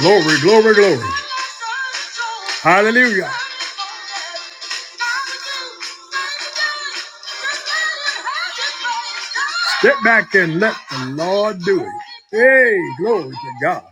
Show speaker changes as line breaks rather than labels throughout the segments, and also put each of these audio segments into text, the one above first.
Glory, glory, glory. Hallelujah. Step back and let the Lord do it. Hey, glory to God.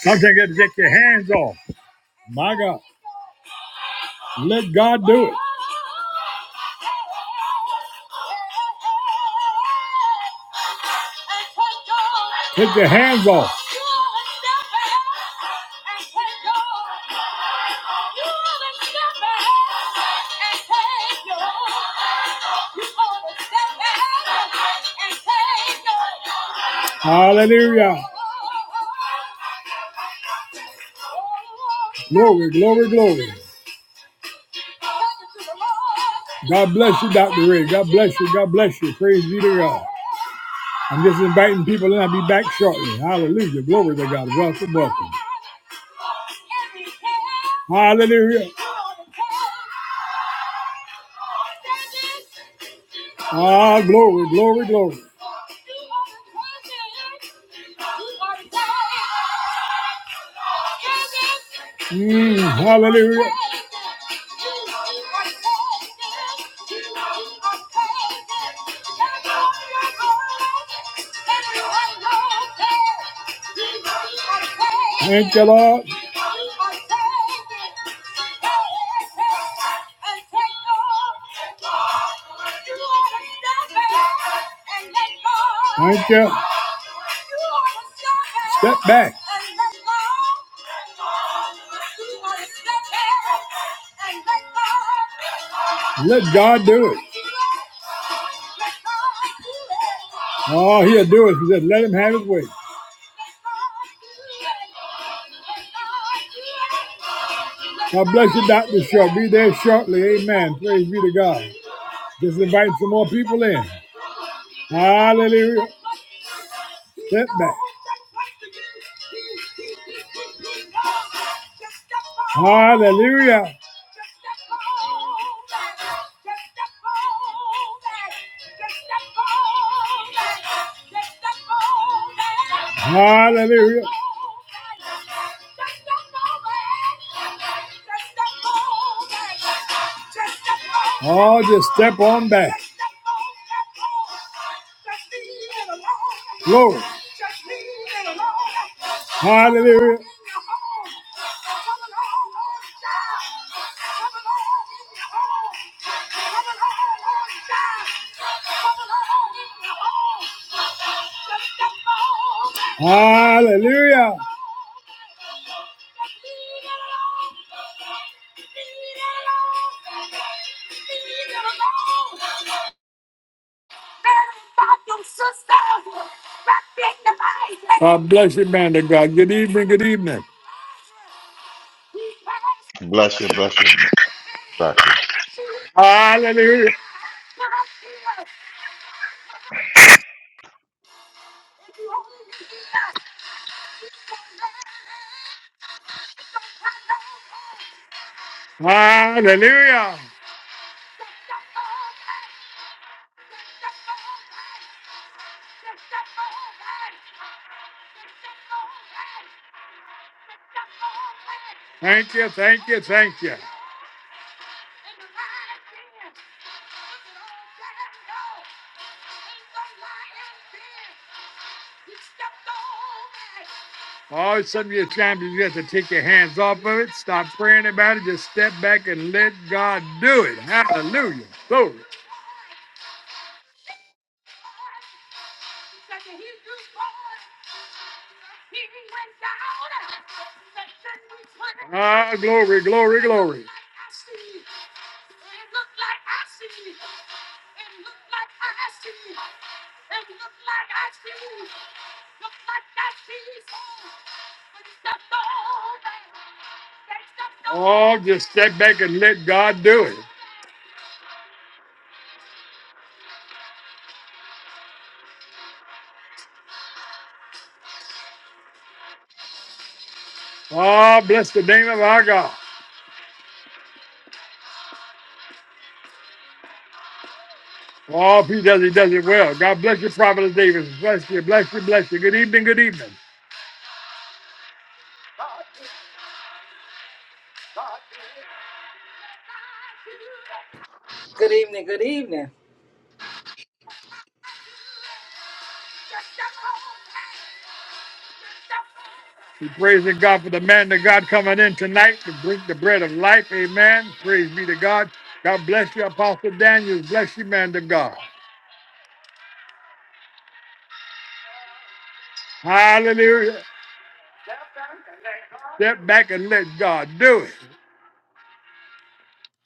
Sometimes you got to get your hands off. My God. Let God do it. Take your hands off. Hallelujah. Glory, glory, glory. God bless you, Dr. Ray. God bless you. God bless you. Praise be to God. I'm just inviting people in. I'll be back shortly. Hallelujah. Glory to God. Welcome, welcome. Hallelujah. Ah, glory, glory, glory. Mm, hallelujah. Thank you, Lord. Thank you. Step back. Let God do it. Oh, he'll do it. he said, let him have his way. God bless you, Dr. Shaw. Be there shortly. Amen. Praise be to God. Just invite some more people in. Hallelujah. Step back. Hallelujah. Hallelujah. Oh, just step on back. Glory. Hallelujah. Hallelujah. God bless you, man of God. Good evening, good evening.
Bless you, bless you, Doctor.
Hallelujah. Hallelujah. Thank you, thank you, thank you. All some of your champions, you have to take your hands off of it. Stop praying about it. Just step back and let God do it. Hallelujah. Glory. Ah, glory, glory, glory. Oh, just step back and let God do it. Oh, bless the name of our God. Oh, if he does, he does it well. God bless you, Prophet Davis. Bless you, bless you, bless you. Good evening, good evening.
Good evening. Good evening.
We praising God for the man of God coming in tonight to bring the bread of life. Amen. Praise be to God. God bless you, Apostle Daniel. Bless you, man of God. Hallelujah. Step back and let God do it.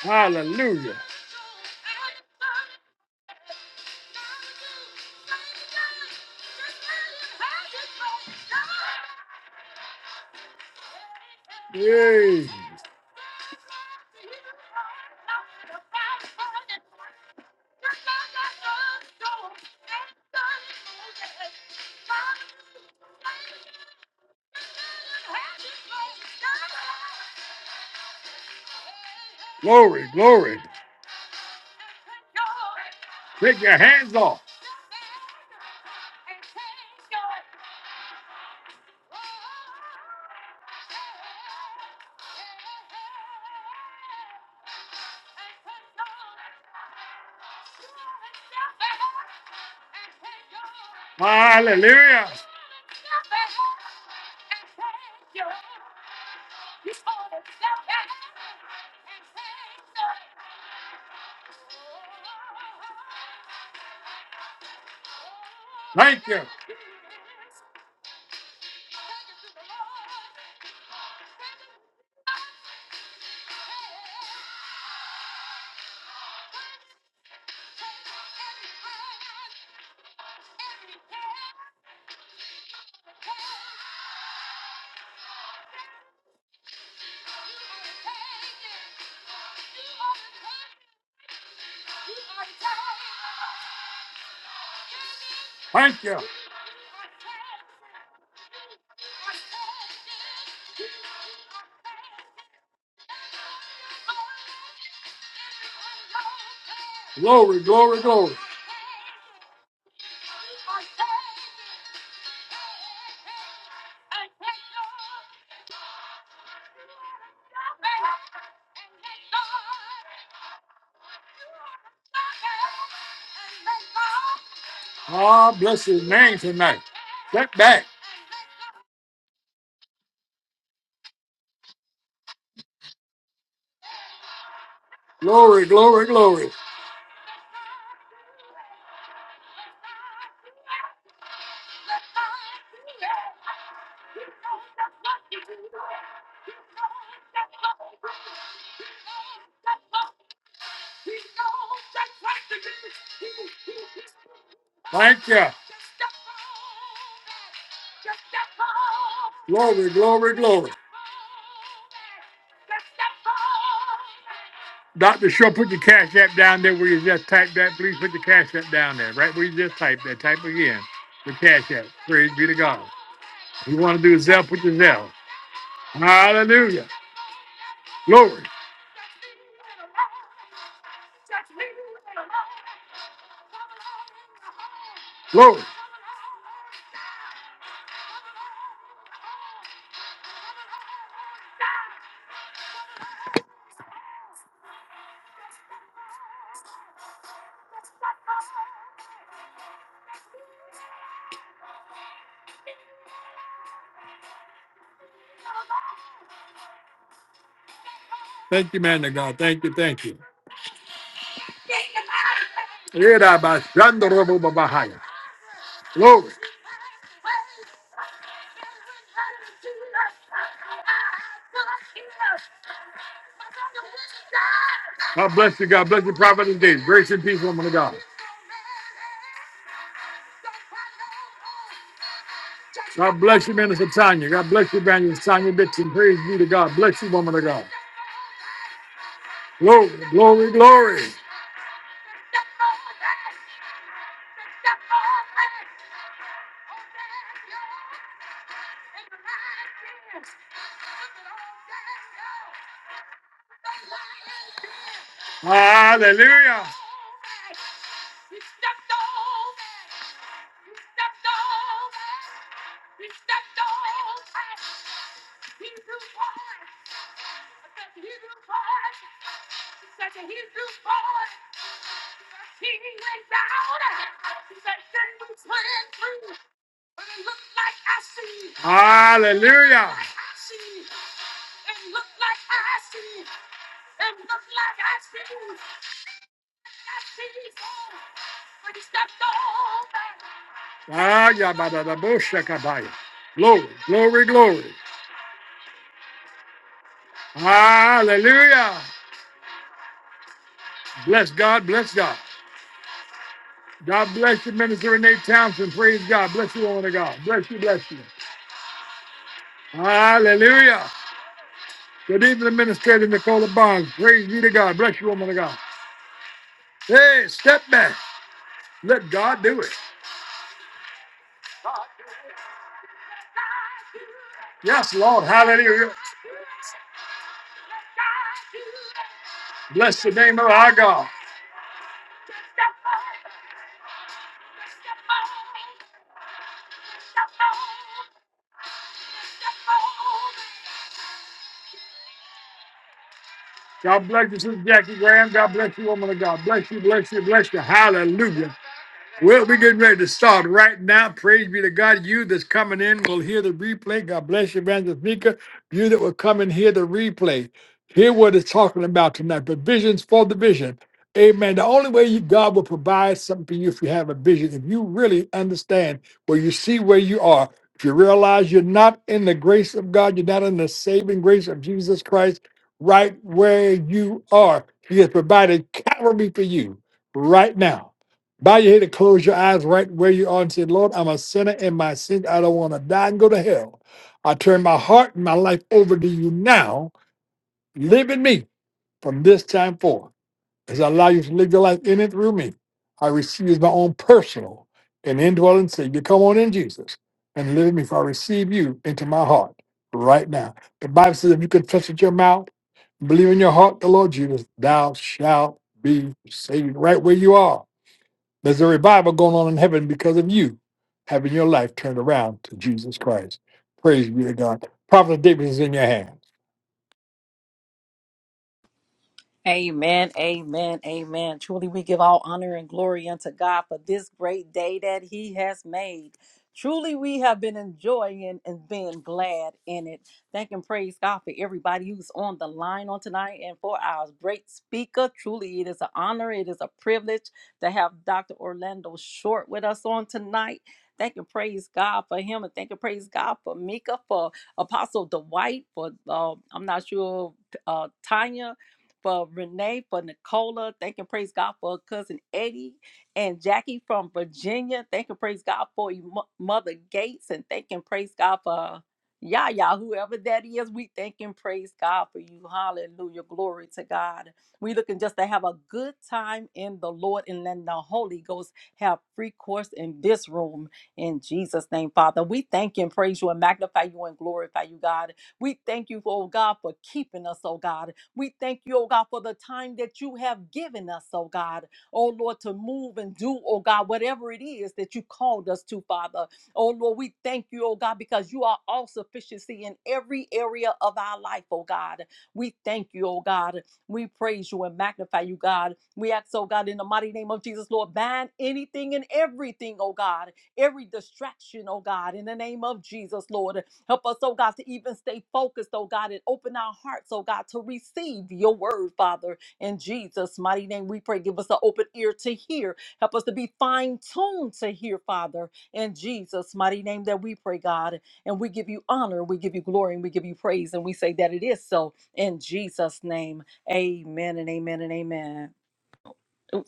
Hallelujah. Yay. Glory, glory. Take your hands off. Hallelujah. Thank you. Thank you. Glory, glory, glory. Ah, bless his name tonight. Step back. Glory, glory, glory. Thank you. Glory, glory, glory. Dr. Shaw, put your cash app down there where you just typed that. Please put your cash app down there, right where you just typed that. Type again. The cash app. Praise be to God. If you want to do Zell, put your Zell. Hallelujah. Glory, glory. Thank you, man of God. Thank you, thank you. Yedabashandorobobabahaya. Glory. God bless you. God bless you, Prophet and Days. Grace and peace, woman of God. God bless you, Minister Tanya. God bless you, Evangelist Tanya Dixon. Praise be to God. Bless you, woman of God. Glory, glory, glory. Hallelujah. Hallelujah. Ah, ya, ba, da, da, bo, shaka, ba, ya. Glory, glory, glory. Hallelujah. Bless God, bless God. God bless you, Minister Renee Townsend. Praise God. Bless you, woman of God. Bless you, bless you. Hallelujah. Good evening, Administrator Nicola Barnes. Praise be to God. Bless you, woman of God. Hey, step back. Let God do it. Yes, Lord. Hallelujah. Bless the name of our God. God bless you, Sister Jackie Graham. God bless you, woman of God. Bless you, bless you, bless you. Hallelujah. Well, we're getting ready to start right now. Praise be to God. You that's coming in will hear the replay. God bless you, Evangelist Mika. You that will come and hear the replay, hear what it's talking about tonight. Provisions for the vision. Amen. The only way you, God will provide something for you if you have a vision, if you really understand where you see where you are, if you realize you're not in the grace of God, you're not in the saving grace of Jesus Christ, right where you are. He has provided Calvary for you right now. Bow your head and close your eyes right where you are and say, Lord, I'm a sinner in my sin. I don't want to die and go to hell. I turn my heart and my life over to you now. Live in me from this time forth. As I allow you to live your life in and through me, I receive you as my own personal and indwelling Savior. Come on in, Jesus, and live in me, for I receive you into my heart right now. The Bible says, if you confess with your mouth, believe in your heart the Lord Jesus, thou shalt be saved right where you are there's a revival going on in heaven because of you having your life turned around to Jesus Christ. Praise be to God. Prophet David is in your hand.
Amen, amen, amen. Truly, we give all honor and glory unto God for this great day that He has made. Truly, we have been enjoying and being glad in it. Thank and praise God for everybody who's on the line on tonight and for our great speaker. Truly, it is an honor, it is a privilege to have Dr. Orlando Short with us on tonight. Thank and praise God for him, and thank and praise God for Mika, for Apostle Dwight, for uh, I'm not sure uh, Tanya for Renee, for Nicola. Thank and praise God for cousin Eddie and Jackie from Virginia. Thank and praise God for you, Mo- Mother Gates, and thank and praise God for Yaya, whoever that is. We thank and praise God for you. Hallelujah. Glory to God. We looking just to have a good time in the Lord and let the Holy Ghost have free course in this room. In Jesus' name, Father, we thank and praise you and magnify you and glorify you, God. We thank you, oh God, for keeping us, oh God. We thank you, oh God, for the time that you have given us, oh God. Oh Lord, to move and do, oh God, whatever it is that you called us to, Father. Oh Lord, we thank you, oh God, because you are all sufficiency in every area of our life, oh God. We thank you, oh God. We praise you and magnify you, God. We ask, oh God, in the mighty name of Jesus, Lord, bind anything and everything, oh God, every distraction, oh God, in the name of Jesus, Lord. Help us, oh God, to even stay focused, oh God, and open our hearts, oh God, to receive your word, Father. In Jesus' mighty name, we pray. Give us an open ear to hear. Help us to be fine tuned to hear, Father. In Jesus' mighty name, that we pray, God. And we give you honor, we give you glory, and we give you praise. And we say that it is so in Jesus' name. Amen and amen and amen. Oops.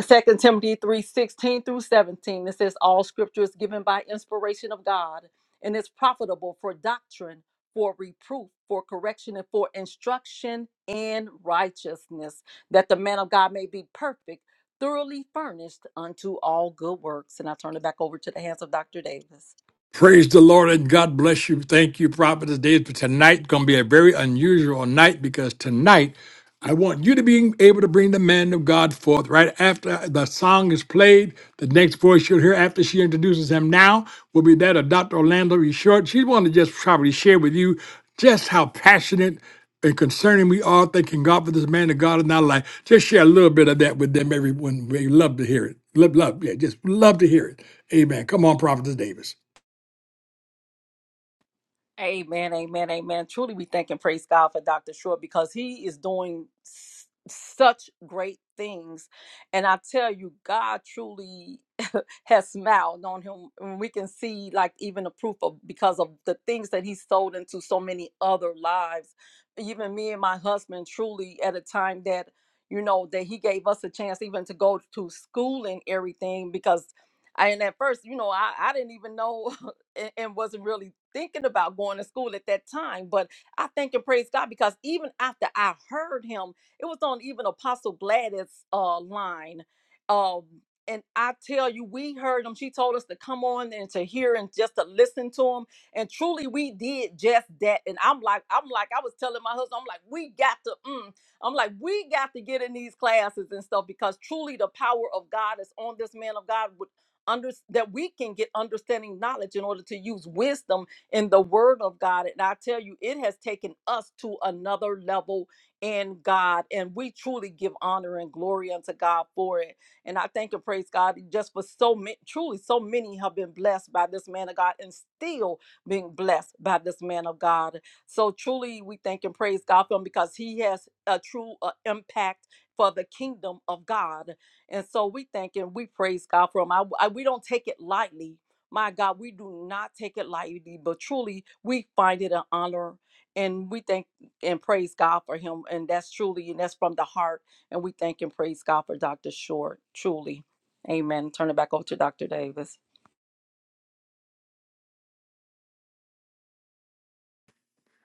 Second Timothy three sixteen through 17. It says, All scripture is given by inspiration of God and is profitable for doctrine, for reproof, for correction, and for instruction in righteousness, that the man of God may be perfect, thoroughly furnished unto all good works. And I turn it back over to the hands of Dr. Davis.
Praise the Lord and God bless you. Thank you, Prophet. Today, tonight, going to be a very unusual night because tonight, I want you to be able to bring the man of God forth. Right after the song is played, the next voice you'll hear after she introduces him now will be that of Dr. Orlando E. Short. She's wanted to just probably share with you just how passionate and concerning we are. Thanking God for this man of God in our life. Just share a little bit of that with them, everyone. We love to hear it. Love, love, yeah, just love to hear it. Amen. Come on, Prophetess Davis.
Amen, amen, amen. Truly, we thank and praise God for Dr. Short because he is doing s- such great things. And I tell you, God truly. has smiled on him. And we can see like even the proof of because of the things that he sold into so many other lives. Even me and my husband truly at a time that you know that he gave us a chance even to go to school and everything because I, and at first, you know, I, I didn't even know and, and wasn't really thinking about going to school at that time. But I thank and praise God because even after I heard him, it was on even Apostle Gladys' uh, line. Uh, and I tell you, we heard him. She told us to come on and to hear and just to listen to him. And truly, we did just that. And I'm like, I'm like, I was telling my husband, I'm like, we got to, mm. I'm like, we got to get in these classes and stuff because truly, the power of God is on this man of God. Would under that we can get understanding knowledge in order to use wisdom in the Word of God. And I tell you, it has taken us to another level in God, and we truly give honor and glory unto God for it. And I thank and praise God just for so many, truly, so many have been blessed by this man of God and still being blessed by this man of God. So truly, we thank and praise God for him because he has a true uh, impact for the kingdom of God. And so we thank and we praise God for him. I, I, we don't take it lightly. My God, we do not take it lightly, but truly, we find it an honor. And we thank and praise God for him. And that's truly, and that's from the heart. And we thank and praise God for Dr. Short, truly. Amen. Turn it back over to Dr. Davis.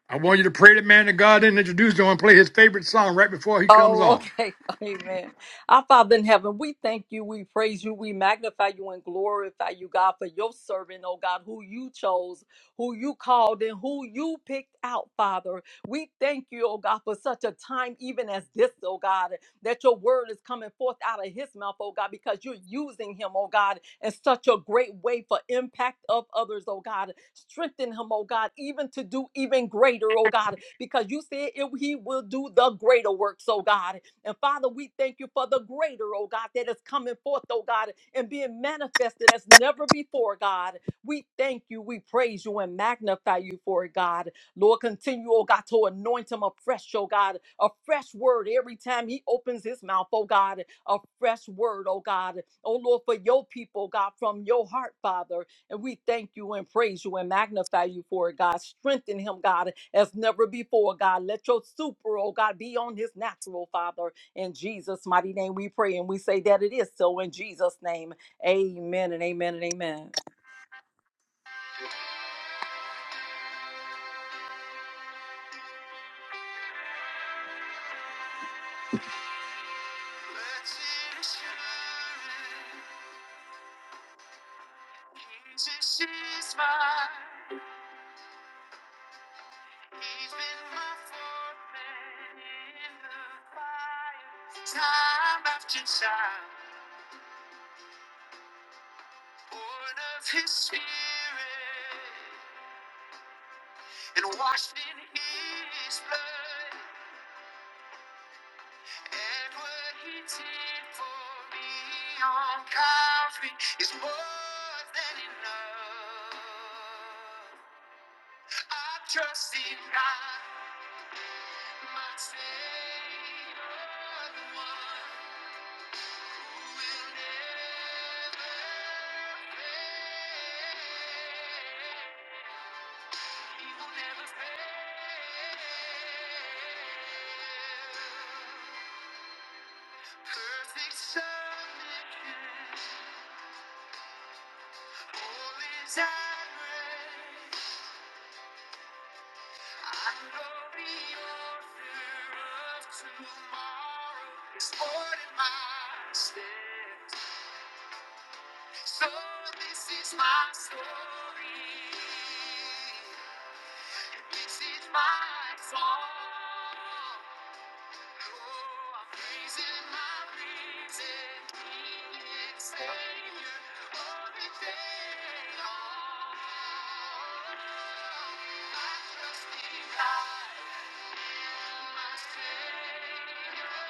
I want you to pray that man that God didn't introduce you and play his favorite song right before he comes
Oh,
on.
okay. Amen. Our Father in heaven, we thank you, we praise you, we magnify you, and glorify you, God, for your servant, oh God, who you chose, who you called, and who you picked out, Father. We thank you, oh God, for such a time even as this, oh God. that your word is coming forth out of his mouth, oh God, because you're using him, oh God, in such a great way for impact of others, oh God. Strengthen him, oh God, even to do even greater, oh God, because you said it, he will do the greater works, oh God. And Father, we thank you for the greater, oh God, that is coming forth, oh God, and being manifested as never before, God. We thank you, we praise you, and magnify you for it, God. Lord, continue, oh God, to anoint him afresh, oh God, a fresh word every time he opens his mouth, oh God, a fresh word, oh God, oh Lord, for your people, God, from your heart, Father. And we thank you and praise you and magnify you for it, God. Strengthen him, God, as never before, God. Let your super, oh God, be on his natural, Father. In Jesus' mighty name we pray and we say that it is so in Jesus' name. Amen and amen and amen.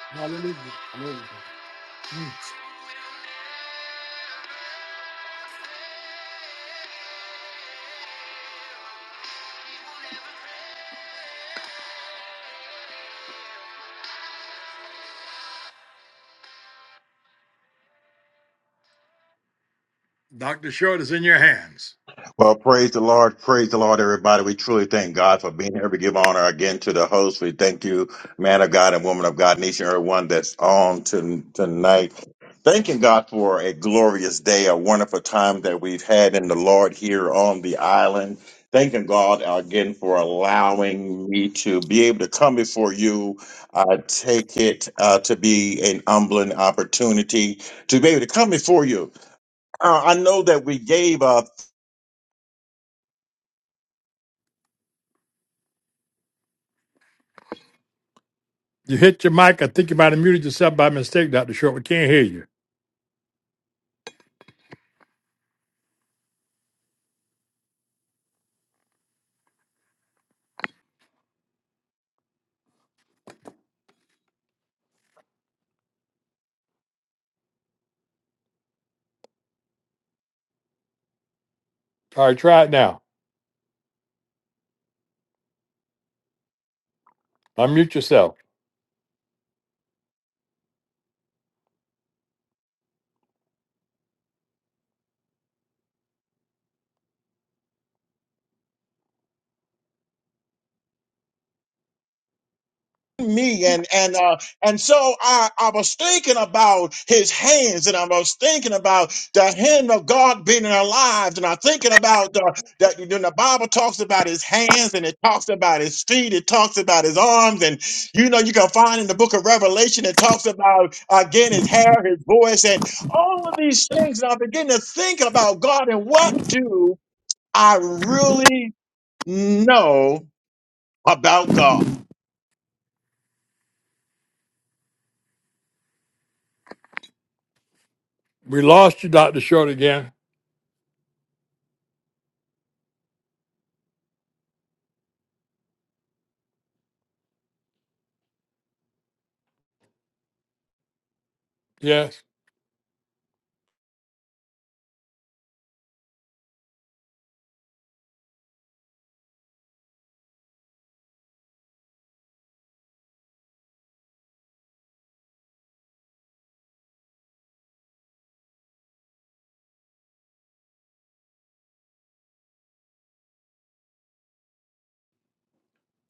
Hallelujah. Dr. Short is in your hands.
Well, praise the Lord. Praise the Lord, everybody. We truly thank God for being here. We give honor again to the host. We thank you, man of God and woman of God, each and everyone that's on to, tonight. Thanking God for a glorious day, a wonderful time that we've had in the Lord here on the island. Thanking God again for allowing me to be able to come before you. I take it uh, to be an humbling opportunity to be able to come before you uh, I know that we gave up
You hit your mic. I think you might have muted yourself by mistake, Dr. Short. We can't hear you. All right, try it now. Unmute yourself.
me and and uh and so I I was thinking about his hands and I was thinking about the hand of God being in our lives and I'm thinking about the that when the Bible talks about his hands and it talks about his feet it talks about his arms and you know you can find in the book of Revelation it talks about again his hair his voice and all of these things and I begin to think about God and what do I really know about God
We lost you, Dr. Short, again. Yes.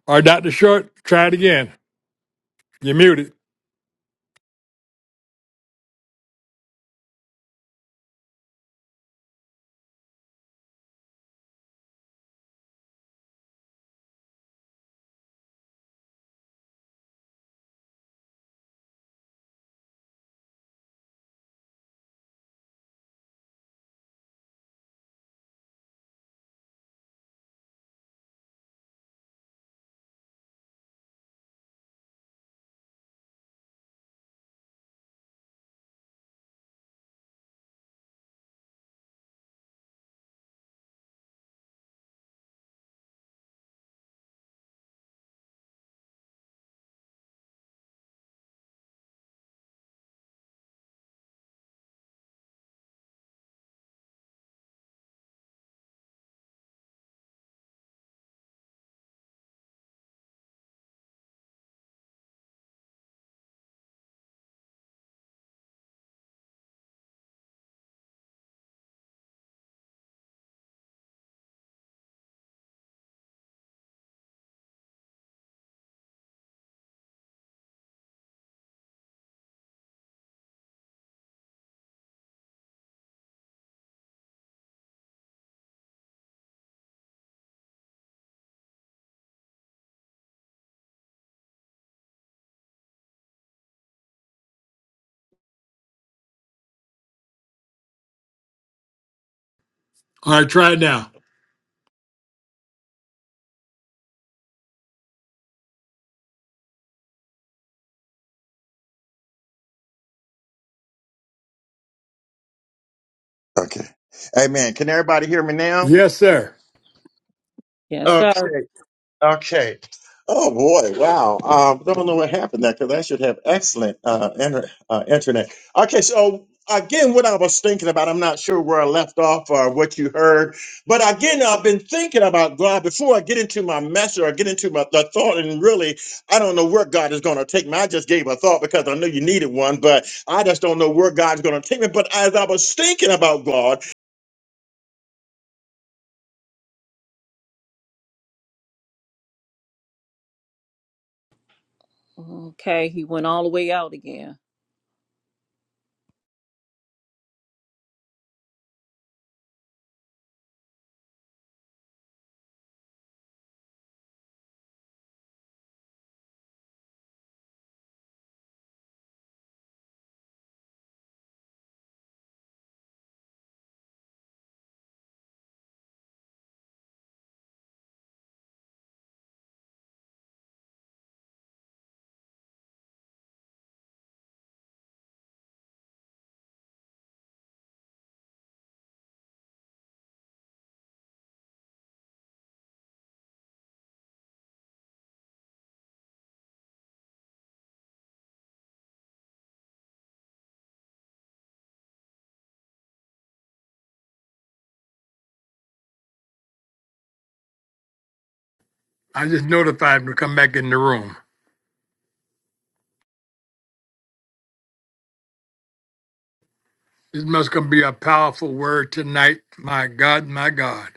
All right, Dr. Short, try it again. You're muted. All right, try it now.
Okay. Amen. Can everybody hear me now?
Yes, sir.
Yes, sir.
Okay. Okay. Oh boy! Wow. Um, don't know what happened there because I should have excellent uh, inter- uh, internet. Okay. So again, what I was thinking about, I'm not sure where I left off or what you heard, but again, I've been thinking about God before I get into my message or get into my the thought, and really, I don't know where God is going to take me. I just gave a thought because I knew you needed one, but I just don't know where God's going to take me. But as I was thinking about God,
Okay, he went all the way out again.
I just notified him to come back in the room. This must gonna be a powerful word tonight. My God, my God.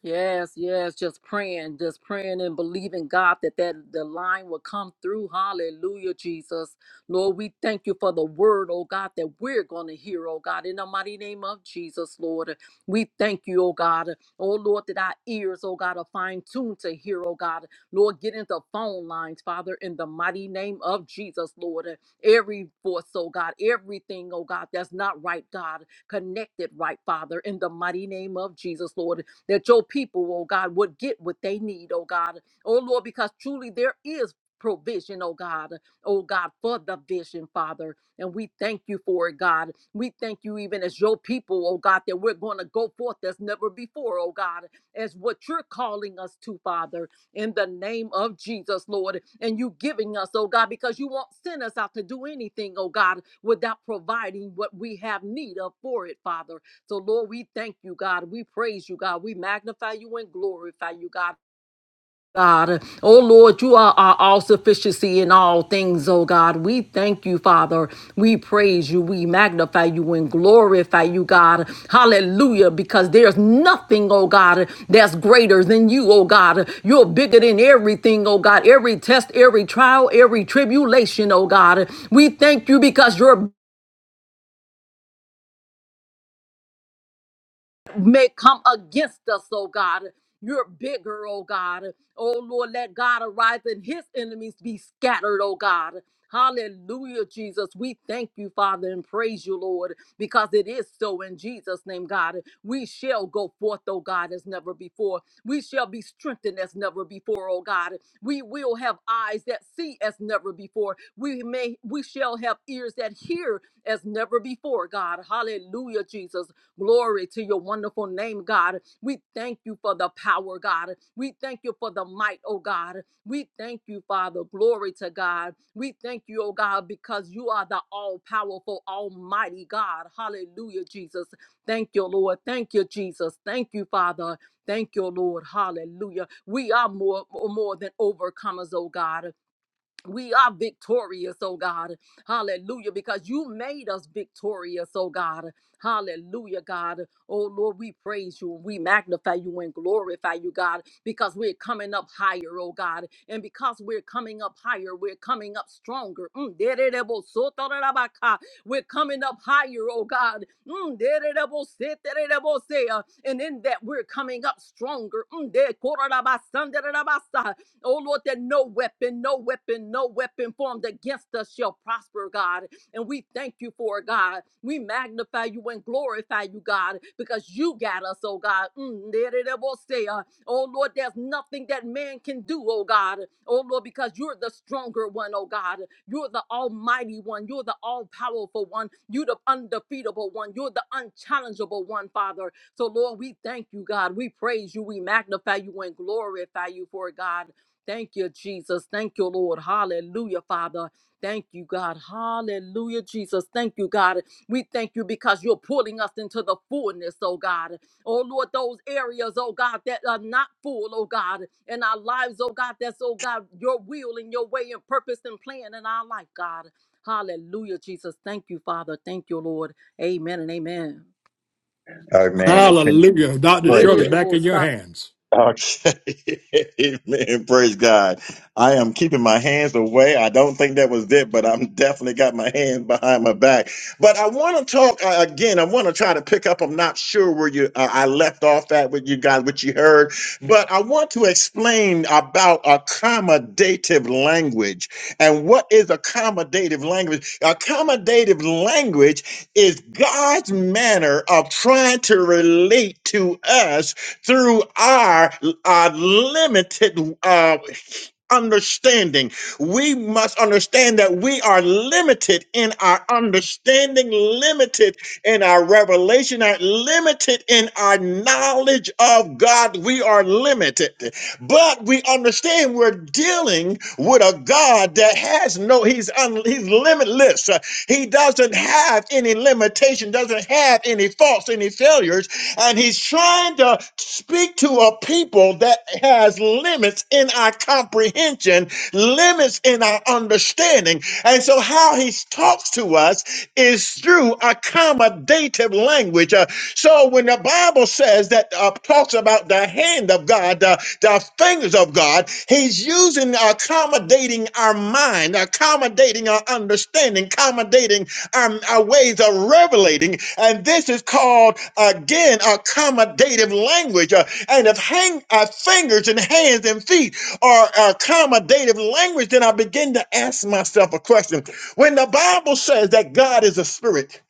Yes, yes, just praying, just praying and believing God that that the line will come through. Hallelujah, Jesus. Lord, we thank you for the word, oh God, that we're going to hear, oh God, in the mighty name of Jesus, Lord. We thank you, oh God. Oh Lord, that our ears, oh God, are fine tuned to hear, oh God. Lord, get into phone lines, Father, in the mighty name of Jesus, Lord. Every voice, oh God, everything, oh God, that's not right, God, connected right, Father, in the mighty name of Jesus, Lord that your people, oh God, would get what they need, oh God. Oh Lord, because truly there is provision, oh God, oh God, for the vision, Father. And we thank you for it, God. We thank you even as your people, oh God, that we're going to go forth as never before, oh God, as what you're calling us to, Father, in the name of Jesus, Lord. And you giving us, oh God, because you won't send us out to do anything, oh God, without providing what we have need of for it, Father. So, Lord, we thank you, God. We praise you, God. We magnify you and glorify you, God. God, oh Lord, you are our all sufficiency in all things, oh God. We thank you, Father. We praise you. We magnify you and glorify you, God. Hallelujah. Because there's nothing, oh God, that's greater than you, oh God. You're bigger than everything, oh God. Every test, every trial, every tribulation, oh God. We thank you because you're may come against us, oh God. You're bigger, oh God. Oh Lord, let God arise and his enemies be scattered, oh God. Hallelujah, Jesus. We thank you, Father, and praise you, Lord, because it is so in Jesus' name, God. We shall go forth, oh God, as never before. We shall be strengthened as never before, oh God. We will have eyes that see as never before. We may we shall have ears that hear as never before, God. Hallelujah, Jesus. Glory to your wonderful name, God. We thank you for the power, God. We thank you for the might, oh God. We thank you, Father. Glory to God. We thank you, oh God, because you are the all powerful, almighty God. Hallelujah, Jesus. Thank you, Lord. Thank you, Jesus. Thank you, Father. Thank you, Lord. Hallelujah. We are more, more than overcomers, oh God we are victorious, oh God. Hallelujah. Because you made us victorious, oh God. Hallelujah, God. Oh Lord, we praise you and we magnify you and glorify you, God, because we're coming up higher, oh God. And because we're coming up higher, we're coming up stronger. Mm, dererebosotorabaka. We're coming up higher, oh God. Mm, derereboseterebose. And in that, we're coming up stronger. Mm, dekorabasanderabasan. Oh Lord, that no weapon, no weapon, no weapon formed against us shall prosper, God. And we thank you for it, God. We magnify you and glorify you, God, because you got us, oh God. Mm, there it say, uh, Oh Lord, there's nothing that man can do, oh God. Oh Lord, because you're the stronger one, oh God. You're the almighty one. You're the all powerful one. You're the undefeatable one. You're the unchallengeable one, Father. So Lord, we thank you, God. We praise you. We magnify you and glorify you for it, God. Thank you, Jesus. Thank you, Lord. Hallelujah, Father. Thank you, God. Hallelujah, Jesus. Thank you, God. We thank you because you're pulling us into the fullness, oh God. Oh Lord, those areas, oh God, that are not full, oh God, in our lives, oh God, that's, oh God, your will and your way and purpose and plan in our life, God. Hallelujah, Jesus. Thank you, Father. Thank you, Lord. Amen and amen.
Amen. It can-
Hallelujah. Dr.
Praise God.
Shirley, back in your hands.
Okay. Amen. Praise God. I am keeping my hands away. I don't think that was it, but I'm definitely got my hands behind my back. But I want to talk uh, again. I want to try to pick up. I'm not sure where you uh, I left off at with you guys, what you heard, but I want to explain about accommodative language and what is accommodative language. Accommodative language is God's manner of trying to relate to us through our uh, limited uh, understanding. We must understand that we are limited in our understanding, limited in our revelation, and limited in our knowledge of God. We are limited, but we understand we're dealing with a God that has no, he's, un, he's limitless. He doesn't have any limitation, doesn't have any faults, any failures and he's trying to speak to a people that has limits in our comprehension, limits in our understanding. And so how he talks to us is through accommodative language. Uh, so when the Bible says that uh, talks about the hand of God, the, the fingers of God, he's using accommodating our mind, accommodating our understanding, accommodating our, our ways of revelating. And this is called, again, accommodative language. Uh, and if hang, our fingers and hands and feet are accommodative language, then I begin to ask myself a question. When the Bible says that God is a spirit,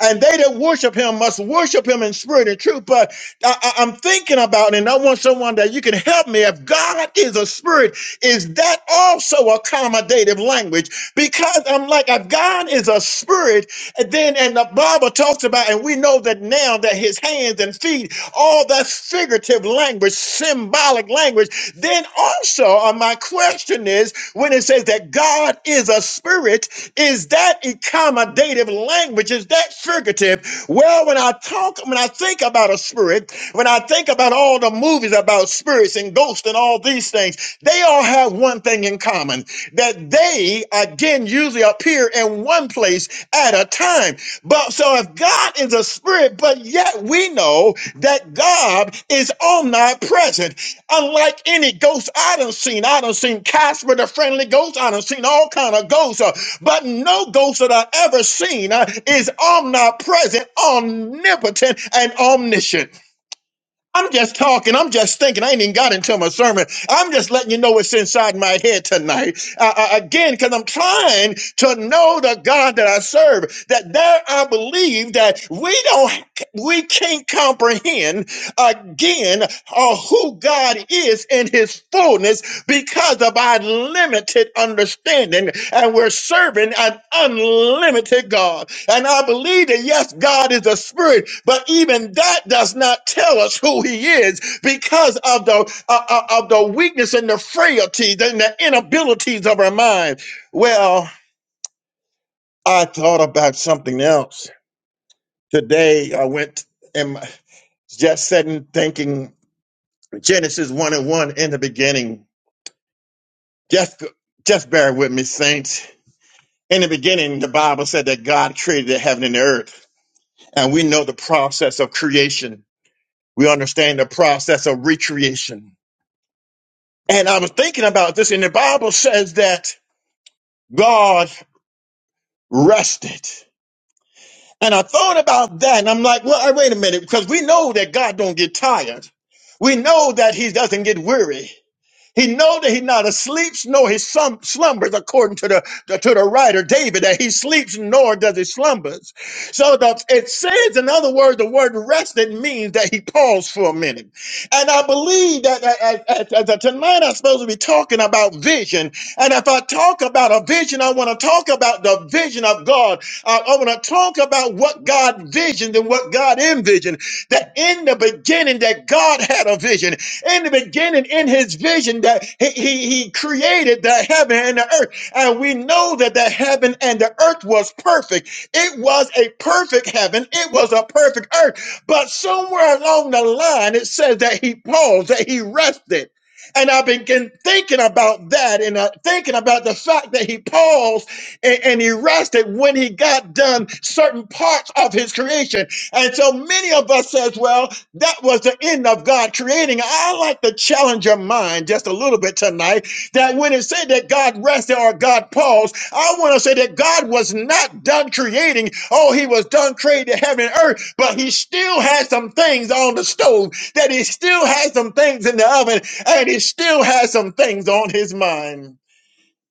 and they that worship him must worship him in spirit and truth. But I, I- I'm thinking about, and I want someone that you can help me. If God is a spirit, is that also accommodative language? because I'm like, if God is a spirit, and then and the Bible talks about, and we know that now that his hands and feet, all that figurative language, symbolic language, then also uh, my question is when it says that God is a spirit, is that accommodative language? Is that figurative? Well, when I talk, when I think about a spirit, when I think about all the movies about spirits and ghosts and all these things, they all have one thing in common that they again usually appear in one place at a time. But so if God is a spirit, but yet we know that God is omnipresent. Unlike any ghost I done seen, I done seen Casper the friendly ghost, I done seen all kind of ghosts, uh, but no ghost that I ever seen uh, is omnipresent, omnipotent, and omniscient. I'm just talking. I'm just thinking. I ain't even got into my sermon. I'm just letting you know what's inside my head tonight. Uh, uh, again, because I'm trying to know the God that I serve. That there, I believe that we don't, we can't comprehend again uh, who God is in His fullness because of our limited understanding and we're serving an unlimited God. And I believe that yes, God is a spirit, but even that does not tell us who he is because of the uh, uh, of the weakness and the frailties and the inabilities of our mind. Well, I thought about something else. Today I went and just sitting thinking Genesis 1 and 1 in the beginning. Just just bear with me, saints In the beginning, the Bible said that God created the heaven and the earth, and we know the process of creation. We understand the process of recreation. And I was thinking about this, and the Bible says that God rested. And I thought about that, and I'm like, well, uh, wait a minute, because we know that God don't get tired. We know that He doesn't get weary. He know that he not sleeps nor he slum- slumbers, according to the, the- to the writer David, that he sleeps nor does he slumbers. So the, it says, in other words, the word rested means that he paused for a minute. And I believe that uh, uh, uh, uh, tonight I'm supposed to be talking about vision. And if I talk about a vision, I want to talk about the vision of God. I, I want to talk about what God visioned and what God envisioned. That in the beginning, that God had a vision in the beginning in his vision that he, he, he created the heaven and the earth. And we know that the heaven and the earth was perfect. It was a perfect heaven. It was a perfect earth. But somewhere along the line, it says that he paused, that he rested. And I've been thinking about that and uh, thinking about the fact that he paused and, and he rested when he got done certain parts of his creation. And so many of us says, well, that was the end of God creating. I like to challenge your mind just a little bit tonight that when it said that God rested or God paused, I want to say that God was not done creating. Oh, he was done creating heaven and earth, but he still had some things on the stove, that he still had some things in the oven, and he still has some things on his mind.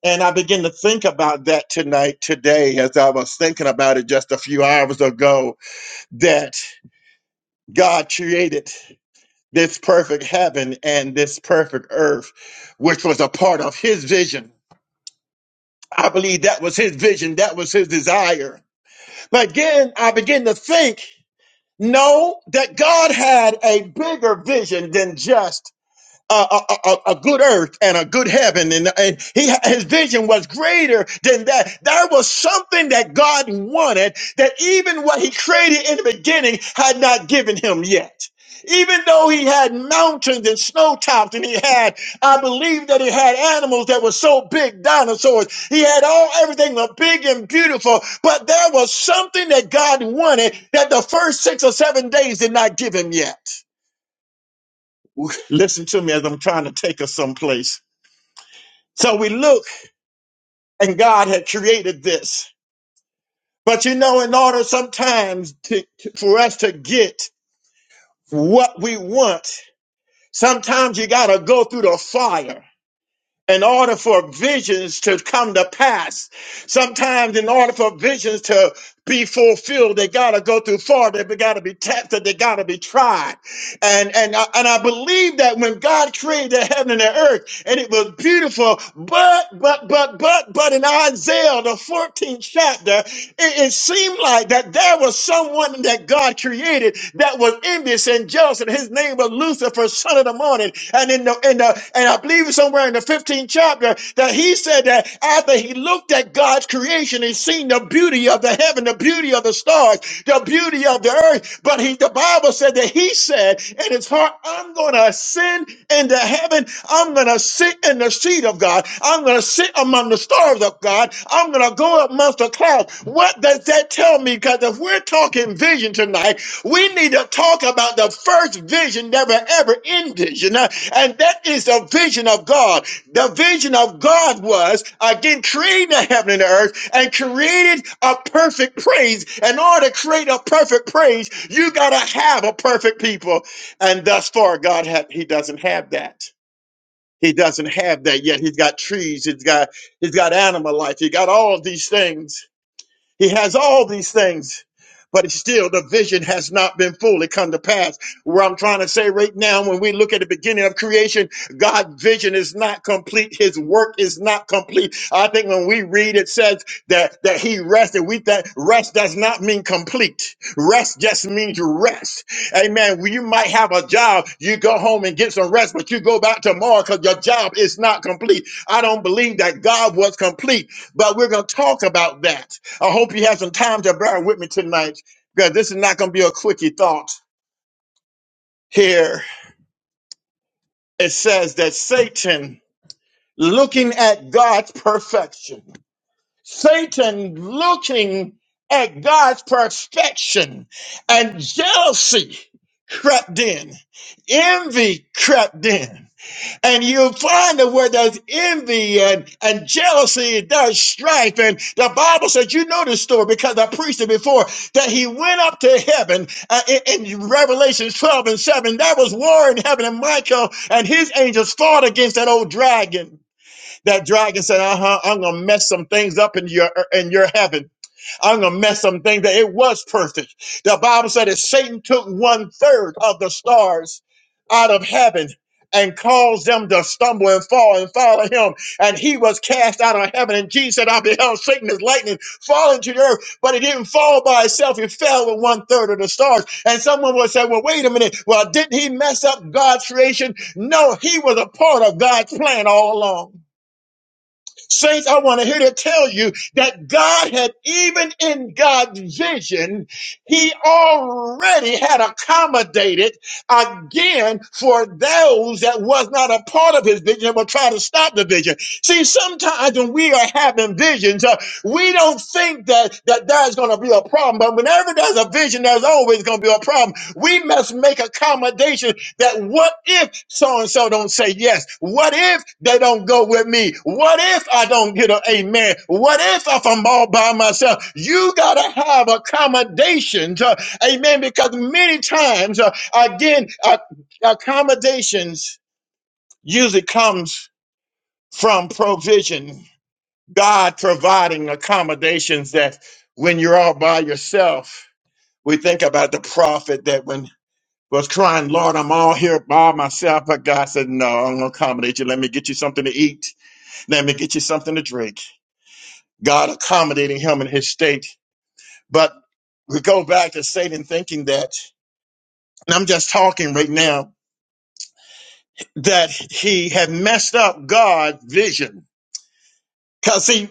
And I began to think about that tonight, today, as I was thinking about it just a few hours ago, that God created this perfect heaven and this perfect earth, which was a part of his vision. I believe that was his vision, that was his desire. But again, I begin to think, no, that God had a bigger vision than just a, a, a, a good earth and a good heaven. And, and he, his vision was greater than that. There was something that God wanted that even what he created in the beginning had not given him yet. Even though he had mountains and snow tops, and he had, I believe that he had animals that were so big, dinosaurs. He had all everything was big and beautiful, but there was something that God wanted that the first six or seven days did not give him yet. Listen to me as I'm trying to take us someplace. So we look, and God had created this. But you know, in order sometimes to, to- for us to get what we want, sometimes you got to go through the fire in order for visions to come to pass Sometimes, in order for visions to be fulfilled, they gotta go through fire. They gotta be tested. They gotta be tried. And and I, and I believe that when God created the heaven and the earth, and it was beautiful, but but but but but in Isaiah the 14th chapter, it, it seemed like that there was someone that God created that was envious and jealous, and his name was Lucifer, son of the morning. And in the in the and I believe it's somewhere in the 15th chapter that he said said that after he looked at God's creation, he seen the beauty of the heaven, the beauty of the stars, the beauty of the earth. But he, the Bible said that he said in his heart, I'm going to ascend into heaven. I'm going to sit in the seat of God. I'm going to sit among the stars of God. I'm going to go amongst the clouds. What does that tell me? Because if we're talking vision tonight, we need to talk about the first vision never were ever envisioned. uh, And that is the vision of God. The vision of God was again creating the heaven and the earth and created a perfect praise. In order to create a perfect praise, you gotta have a perfect people. And thus far, God had He doesn't have that. He doesn't have that yet. He's got trees, he's got he's got animal life, he got all of these things he has all these things, but it's still the vision has not been fully come to pass. Where I'm trying to say right now, when we look at the beginning of creation, God's vision is not complete. His work is not complete. I think when we read, it says that, that he rested. We that rest does not mean complete. Rest just means rest. Amen. Well, You might have a job. You go home and get some rest, but you go back tomorrow because your job is not complete. I don't believe that God was complete, but we're going to talk about that. I hope you have some time to bear with me tonight because this is not going to be a quickie thought. Here it says that Satan looking at God's perfection, Satan looking at God's perfection, and jealousy crept in, envy crept in. And you find that where there's envy and, and jealousy, there's strife. And the Bible says, you know this story because I preached it before, that he went up to heaven uh, in, in Revelation 12 and 7. There was war in heaven, and Michael and his angels fought against that old dragon. That dragon said, uh huh, I'm going to mess some things up in your, in your heaven. I'm gonna mess some things that it was perfect. The Bible said that Satan took one third of the stars out of heaven and caused them to stumble and fall and follow him. And he was cast out of heaven. And Jesus said, I beheld Satan as lightning falling to the earth, but it didn't fall by itself. It fell with one third of the stars. And someone would say, Well, wait a minute. Well, didn't he mess up God's creation? No, he was a part of God's plan all along. Saints, I want to here to tell you that God had, even in God's vision, He already had accommodated again for those that was not a part of His vision and were trying to stop the vision. See, sometimes when we are having visions, uh, we don't think that, that there's going to be a problem, but whenever there's a vision, there's always going to be a problem we must make accommodation that what if so and so don't say yes? What if they don't go with me? What if I don't get an amen? What if if I'm all by myself? You gotta have accommodations, uh, amen. Because many times, uh, again, uh, accommodations usually comes from provision. God providing accommodations that when you're all by yourself, we think about the prophet that when was crying, Lord, I'm all here by myself. But God said, No, I'm gonna accommodate you. Let me get you something to eat. Let me get you something to drink. God accommodating him in his state. But we go back to Satan thinking that, and I'm just talking right now, that he had messed up God's vision. Cause see,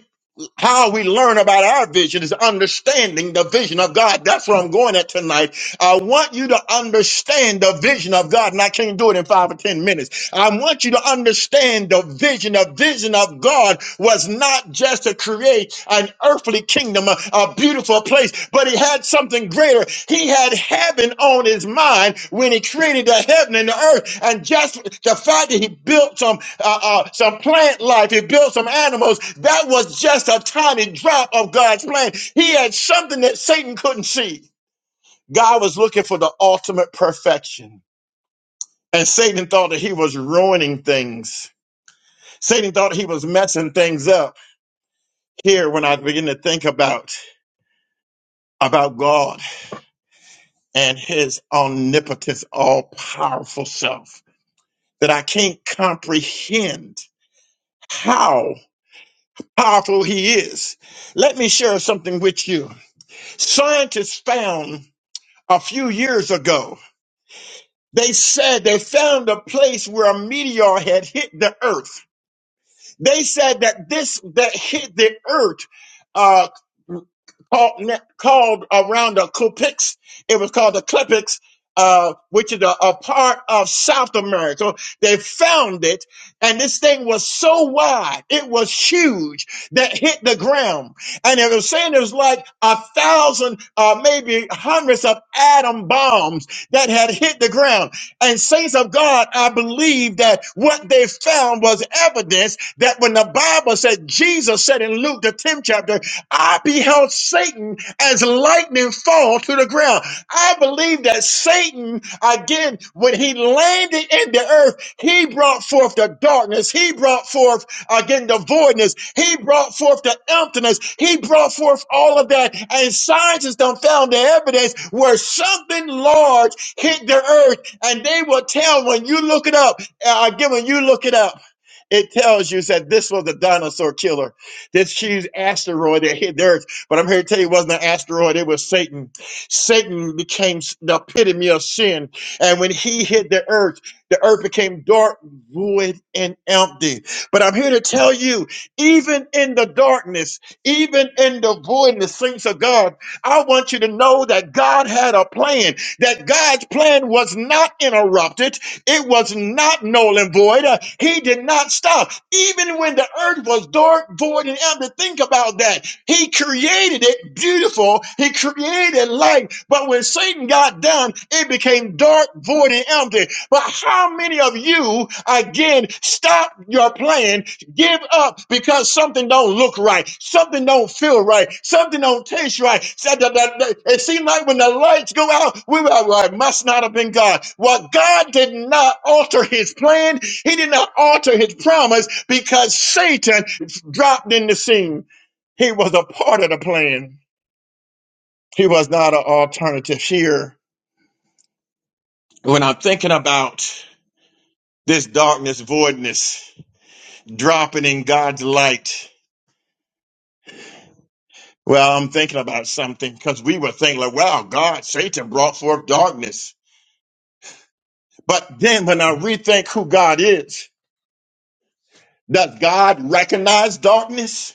how we learn about our vision is understanding the vision of God. That's where I'm going at tonight. I want you to understand the vision of God, and I can't do it in five or ten minutes. I want you to understand the vision. The vision of God was not just to create an earthly kingdom, a, a beautiful place, but he had something greater. He had heaven on his mind when he created the heaven and the earth. And just the fact that he built some uh, uh, some plant life, he built some animals, that was just a tiny drop of God's plan. He had something that Satan couldn't see. God was looking for the ultimate perfection. And Satan thought that he was ruining things Satan thought he was messing things up here when I begin to think about about God and his omnipotence, all powerful self that I can't comprehend how powerful he is. Let me share something with you. Scientists found a few years ago, they said they found a place where a meteor had hit the earth They said that this that hit the earth uh, called, called around the Klipix. It was called the Klipix, uh, which is a, a part of South America. They found it, and this thing was so wide, it was huge that hit the ground. And they were saying it was like a thousand, uh, maybe hundreds of atom bombs that had hit the ground. And saints of God, I believe that what they found was evidence that when the Bible said, Jesus said in Luke, the 10th chapter, I beheld Satan as lightning fall to the ground. I believe that Satan, again, when he landed in the earth, he brought forth the darkness. He brought forth, again, the voidness. He brought forth the emptiness. He brought forth all of that. And scientists done found the evidence where something large hit the earth and they will tell when you look it up. Uh, again, when you look it up, it tells you that this was a dinosaur killer. This huge asteroid that hit the Earth. But I'm here to tell you it wasn't an asteroid, it was Satan. Satan became the epitome of sin. And when he hit the Earth, the Earth became dark, void, and empty. But I'm here to tell you, even in the darkness, even in the voidness, things of God, I want you to know that God had a plan that God's plan was not interrupted. It was not null and void. Uh, He did not stop. Even when the earth was dark, void, and empty, think about that. He created it beautiful. He created light. But when Satan got down, it became dark, void, and empty. But how many of you, again, stop your plan Give up because something don't look right. Something don't feel right. Something don't taste right. It seemed like when the lights go out, we were like, must not have been God. Well, God did not alter his plan. He did not alter his promise because Satan dropped in the scene. He was a part of the plan. He was not an alternative here. When I'm thinking about this darkness, voidness, dropping in God's light, Well, I'm thinking about something because we were thinking, like, wow, God, Satan brought forth darkness. But then when I rethink who God is, does God recognize darkness?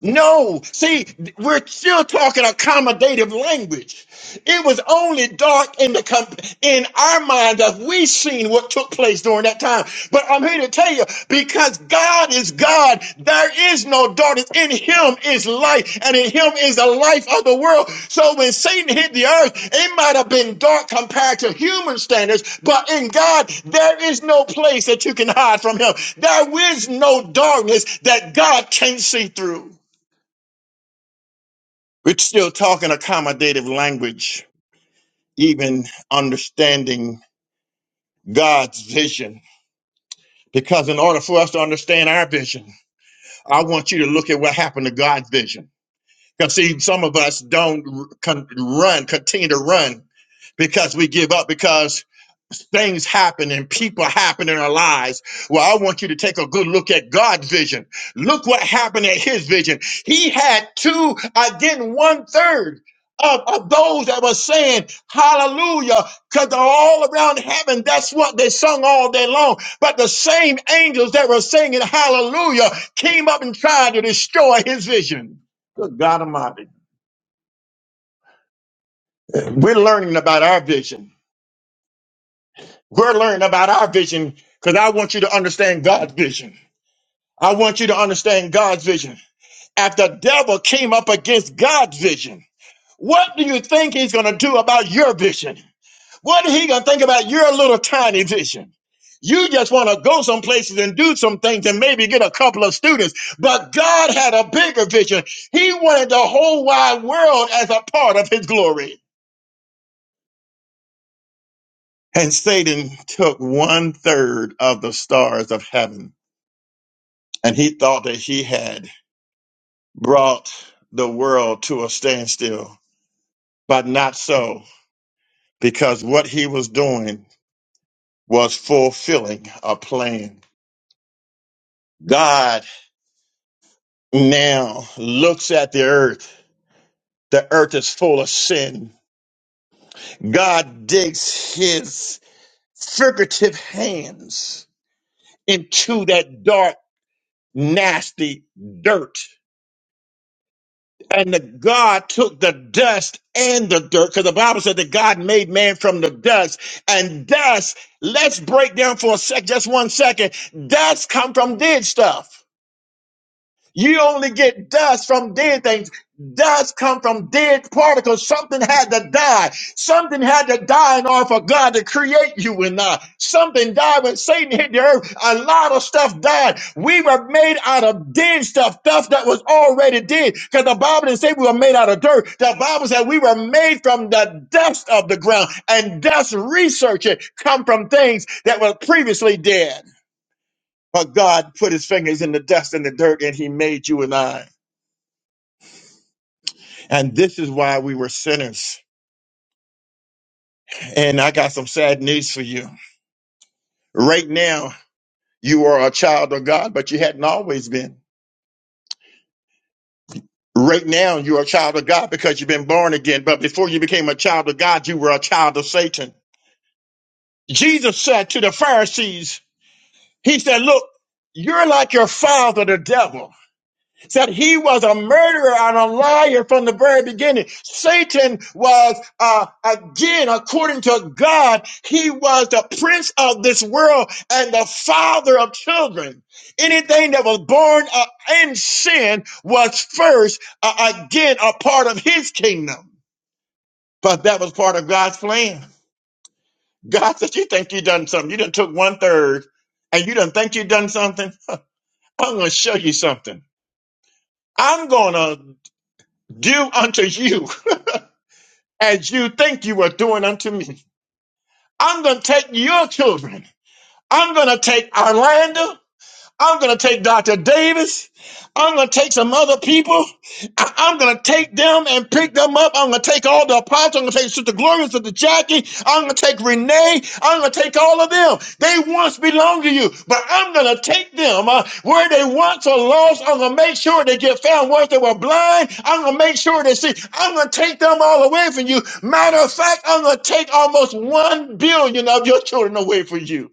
No, see, we're still talking accommodative language. It was only dark in the comp- in our mind that we seen what took place during that time. But I'm here to tell you, because God is God, there is no darkness. In Him is light, and in Him is the life of the world. So when Satan hit the earth, it might have been dark compared to human standards, but in God, there is no place that you can hide from Him. There is no darkness that God can't see through. We're still talking accommodative language, even understanding God's vision. Because in order for us to understand our vision, I want you to look at what happened to God's vision. Because see, some of us don't r- con- run, continue to run because we give up because things happen and people happen in our lives well i want you to take a good look at god's vision look what happened at his vision he had two again one third of, of those that were saying hallelujah because they're all around heaven that's what they sung all day long but the same angels that were singing hallelujah came up and tried to destroy his vision good god almighty we're learning about our vision We're learning about our vision because I want you to understand God's vision. I want you to understand God's vision. If the devil came up against God's vision, what do you think he's going to do about your vision? What is he going to think about your little tiny vision? You just want to go some places and do some things and maybe get a couple of students. But God had a bigger vision. He wanted the whole wide world as a part of his glory. And Satan took one third of the stars of heaven and he thought that he had brought the world to a standstill, but not so, because what he was doing was fulfilling a plan. God now looks at the earth. The earth is full of sin. God digs his figurative hands into that dark, nasty dirt And the God took the dust and the dirt, because the Bible said that God made man from the dust. And dust, let's break down for a sec, just one second. Dust come from dead stuff. You only get dust from dead things. Dust come from dead particles. Something had to die. Something had to die in order for God to create you and I. Something died when Satan hit the earth. A lot of stuff died. We were made out of dead stuff, stuff that was already dead. Because the Bible didn't say we were made out of dirt. The Bible said we were made from the dust of the ground. And dust research it come from things that were previously dead. But God put his fingers in the dust and the dirt and he made you and I. And this is why we were sinners. And I got some sad news for you. Right now, you are a child of God, but you hadn't always been. Right now, you're a child of God because you've been born again. But before you became a child of God, you were a child of Satan. Jesus said to the Pharisees, He said, Look, you're like your father, the devil. said he was a murderer and a liar from the very beginning. Satan was, uh, again, according to God, he was the prince of this world and the father of children. Anything that was born uh, in sin was first, uh, again, a part of his kingdom. But that was part of God's plan. God said, you think you done something. You done took one third and you done think you done something. I'm going to show you something. I'm going to do unto you as you think you are doing unto me. I'm going to take your children. I'm going to take Orlando. I'm going to take Dr. Davis. I'm going to take some other people. I- I'm going to take them and pick them up. I'm going to take all the apostles. I'm going to take Sister Gloria, Sister Jackie. I'm going to take Renee. I'm going to take all of them. They once belonged to you, but I'm going to take them uh, where they once are lost. I'm going to make sure they get found once they were blind. I'm going to make sure they see. I'm going to take them all away from you. Matter of fact, I'm going to take almost one billion of your children away from you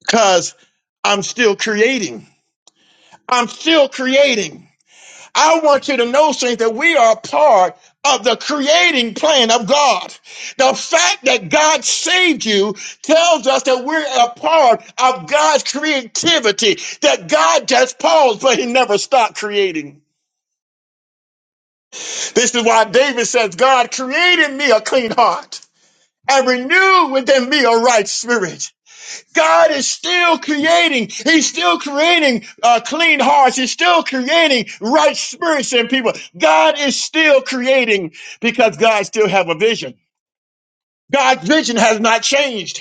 because I'm still creating. I'm still creating. I want you to know, saints, that we are a part of the creating plan of God. The fact that God saved you tells us that we're a part of God's creativity, that God just paused, but he never stopped creating. This is why David says, God created me a clean heart and renewed within me a right spirit. God is still creating. He's still creating uh, clean hearts. He's still creating right spirits in people. God is still creating because God still have a vision. God's vision has not changed.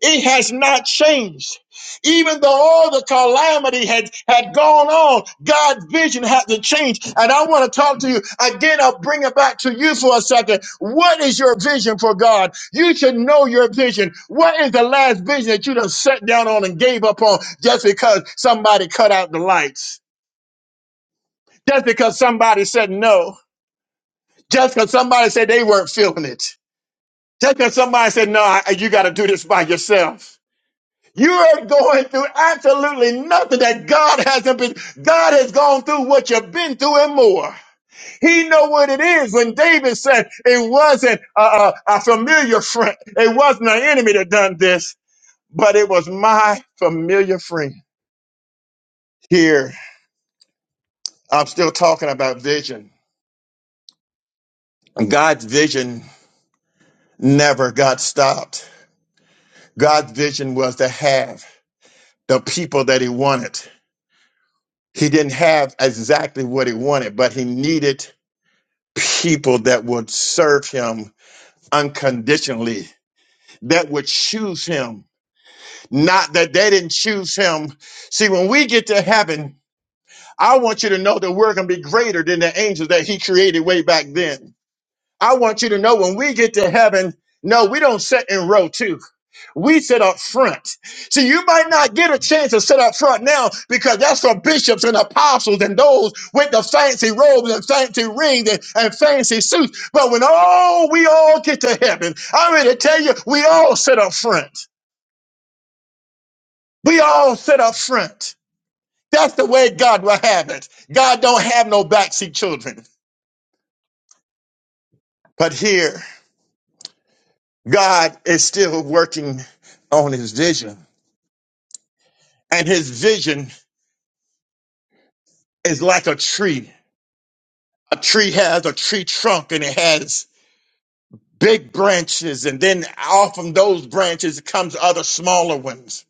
It has not changed. Even though all the calamity had, had gone on, God's vision had to change, And I want to talk to you again. I'll bring it back to you for a second. What is your vision for God? You should know your vision. What is the last vision that you done sat down on and gave up on just because somebody cut out the lights? Just because somebody said no? Just because somebody said they weren't feeling it? Just because somebody said, no, I- you got to do this by yourself. You are going through absolutely nothing that God hasn't been. God has gone through what you've been through and more. He know what it is. When David said it wasn't a, a, a familiar friend, it wasn't an enemy that done this, but it was my familiar friend. Here, I'm still talking about vision. God's vision never got stopped. God's vision was to have the people that he wanted. He didn't have exactly what he wanted, but he needed people that would serve him unconditionally, that would choose him. Not that they didn't choose him. See, when we get to heaven, I want you to know that we're going to be greater than the angels that he created way back then. I want you to know when we get to heaven, no, we don't sit in row two. We sit up front. See, you might not get a chance to sit up front now because that's for bishops and apostles and those with the fancy robes and fancy rings and, and fancy suits. But when all we all get to heaven, I'm ready to tell you, we all sit up front. We all sit up front. That's the way God will have it. God don't have no backseat children. But here, God is still working on his vision. And his vision is like a tree a tree has a tree trunk and it has big branches and then off from those branches comes other smaller ones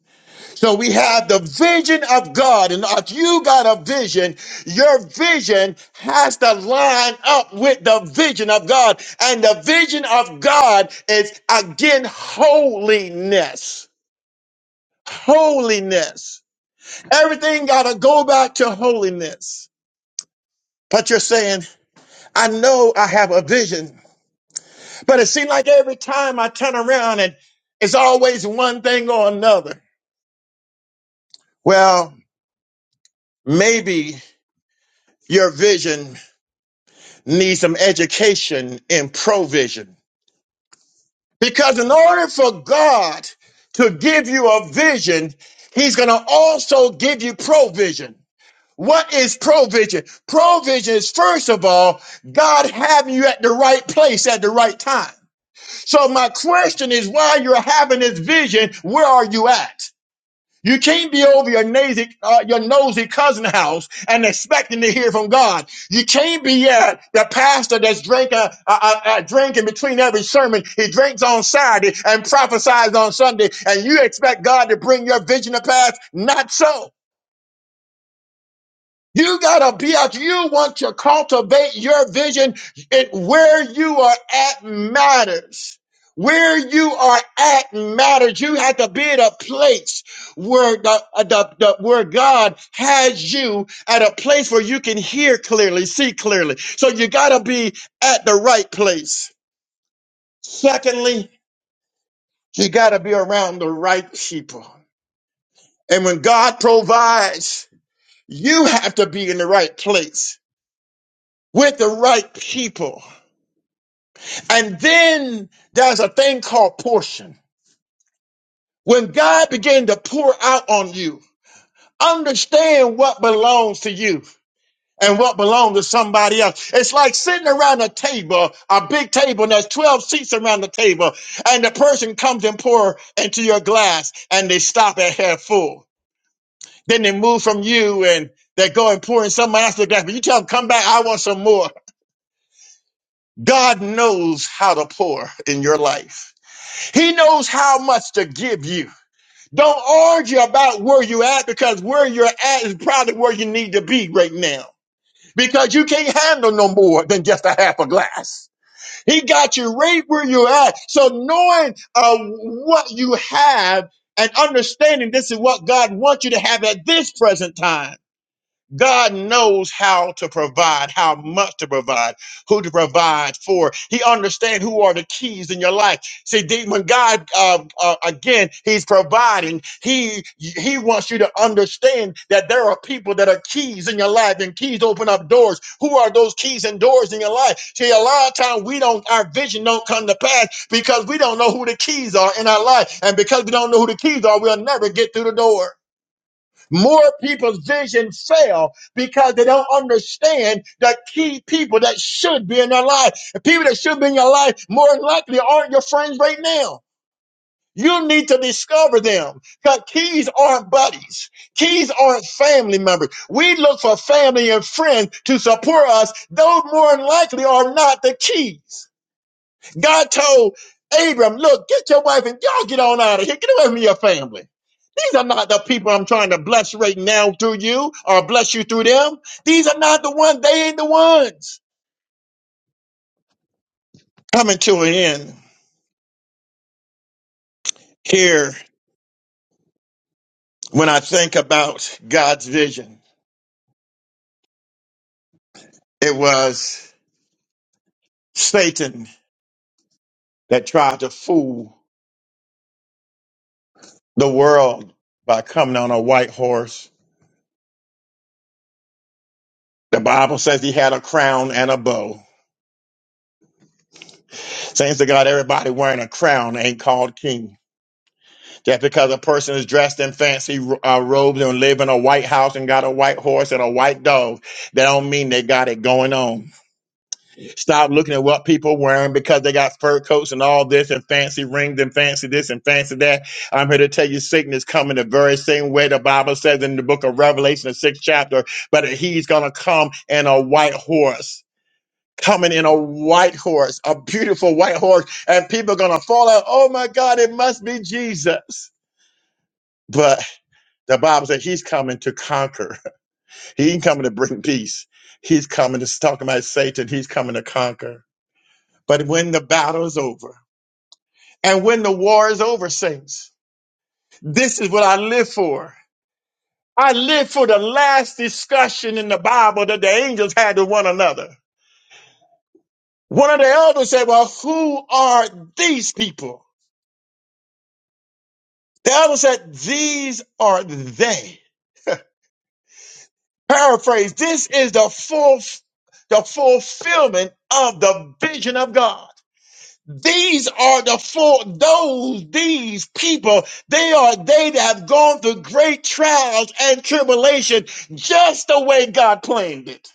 so we have the vision of god and if you got a vision your vision has to line up with the vision of god and the vision of god is again holiness holiness everything got to go back to holiness but you're saying i know i have a vision But it seemed like every time I turn around and it's always one thing or another. Well, maybe your vision needs some education in provision. Because in order for God to give you a vision, He's going to also give you provision. What is provision? Provision is, first of all, God having you at the right place at the right time. So my question is, while you're having this vision, where are you at? You can't be over your nosy, uh, your nosy cousin house and expecting to hear from God. You can't be at the pastor that's drinking, uh, uh, uh, drinking between every sermon. He drinks on Saturday and prophesies on Sunday, and you expect God to bring your vision to pass. Not so. You gotta be out. You want to cultivate your vision and where you are at matters. Where you are at matters. You have to be at a place where the, uh, the, the where God has you at a place where you can hear clearly, see clearly. So you gotta be at the right place. Secondly, you gotta be around the right people. And when God provides, you have to be in the right place. with the right people. And then there's a thing called portion. When God began to pour out on you, understand what belongs to you and what belongs to somebody else. It's like sitting around a table, a big table, and there's 12 seats around the table, and the person comes and pour into your glass and they stop at half full. Then they move from you and they go and pour in somebody else's glass. But you tell them, come back, I want some more. God knows how to pour in your life. He knows how much to give you. Don't argue about where you're at because where you're at is probably where you need to be right now because you can't handle no more than just a half a glass. He got you right where you're at. So knowing uh, what you have and understanding this is what God wants you to have at this present time God knows how to provide, how much to provide, who to provide for. He understands who are the keys in your life. See, the- when God uh, uh, again, He's providing. He He wants you to understand that there are people that are keys in your life, and keys open up doors. Who are those keys and doors in your life? See, a lot of times we don't, our vision don't come to pass because we don't know who the keys are in our life, and because we don't know who the keys are, we'll never get through the door. More people's vision fail because they don't understand the key people that should be in their life. The people that should be in your life more than likely aren't your friends right now. You need to discover them because keys aren't buddies. Keys aren't family members. We look for family and friends to support us. Those more than likely are not the keys. God told Abram, look, get your wife and y'all get on out of here. Get away from your family. These are not the people I'm trying to bless right now through you or bless you through them. These are not the ones. They ain't the ones. Coming to an end here, when I think about God's vision, it was Satan that tried to fool the world by coming on a white horse. The Bible says he had a crown and a bow. Saints to God, everybody wearing a crown ain't called king. Just because a person is dressed in fancy uh, robes and live in a white house and got a white horse and a white dog, that don't mean they got it going on. Stop looking at what people wearing because they got fur coats and all this and fancy rings and fancy this and fancy that. I'm here to tell you Satan is coming the very same way the Bible says in the book of Revelation, the sixth chapter, but he's going to come in a white horse. Coming in a white horse, a beautiful white horse, and people are gonna fall out. Oh my God, it must be Jesus. But the Bible says he's coming to conquer. He ain't coming to bring peace. He's coming to it's talking about Satan. He's coming to conquer. But when the battle is over and when the war is over, saints, this is what I live for. I live for the last discussion in the Bible that the angels had with one another. One of the elders said, Well, who are these people? The elder said, These are they. Paraphrase, this is the full the fulfillment of the vision of God. These are the four, those, these people, they are they that have gone through great trials and tribulation just the way God planned it.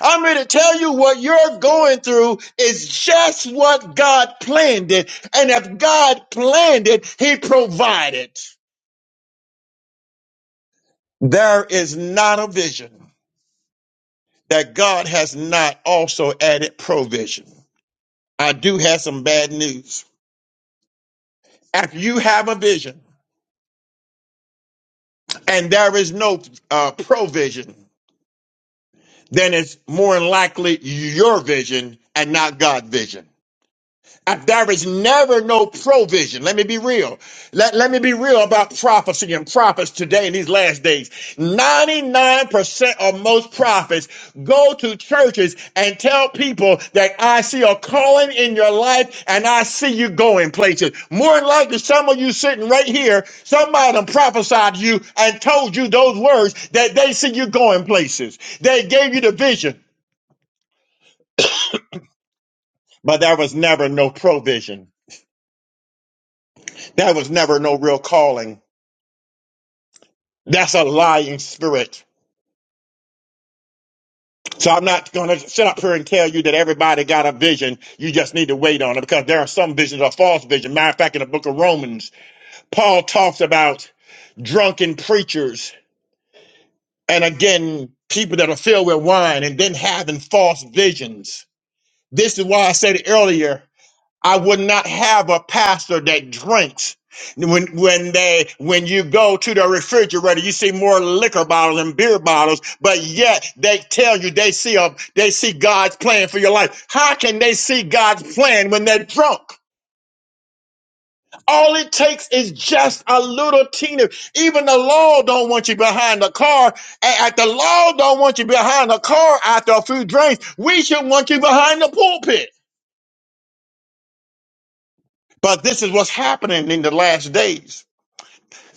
I'm here to tell you what you're going through is just what God planned it. And if God planned it, He provided. There is not a vision that God has not also added provision. I do have some bad news. If you have a vision, and there is no uh, provision, then it's more than likely your vision and not God's vision. I- There is never no provision. Let me be real. Let, let me be real about prophecy and prophets today in these last days. 99% of most prophets go to churches and tell people that I see a calling in your life and I see you going places. More than likely, some of you sitting right here, somebody done prophesied to you and told you those words that they see you going places. They gave you the vision, but there was never no provision. There was never no real calling That's a lying spirit. So I'm not going to sit up here and tell you that everybody got a vision. You just need to wait on it because there are some visions are false vision. Matter of fact, in the book of Romans, Paul talks about drunken preachers and again, people that are filled with wine and then having false visions. This is why I said earlier I would not have a pastor that drinks. When when they when you go to the refrigerator, you see more liquor bottles and beer bottles, but yet they tell you they see a they see God's plan for your life. How can they see God's plan when they're drunk? All it takes is just a little teeny. Even the law don't want you behind the car. A- At the law don't want you behind the car after a few drinks. We should want you behind the pulpit. But this is what's happening in the last days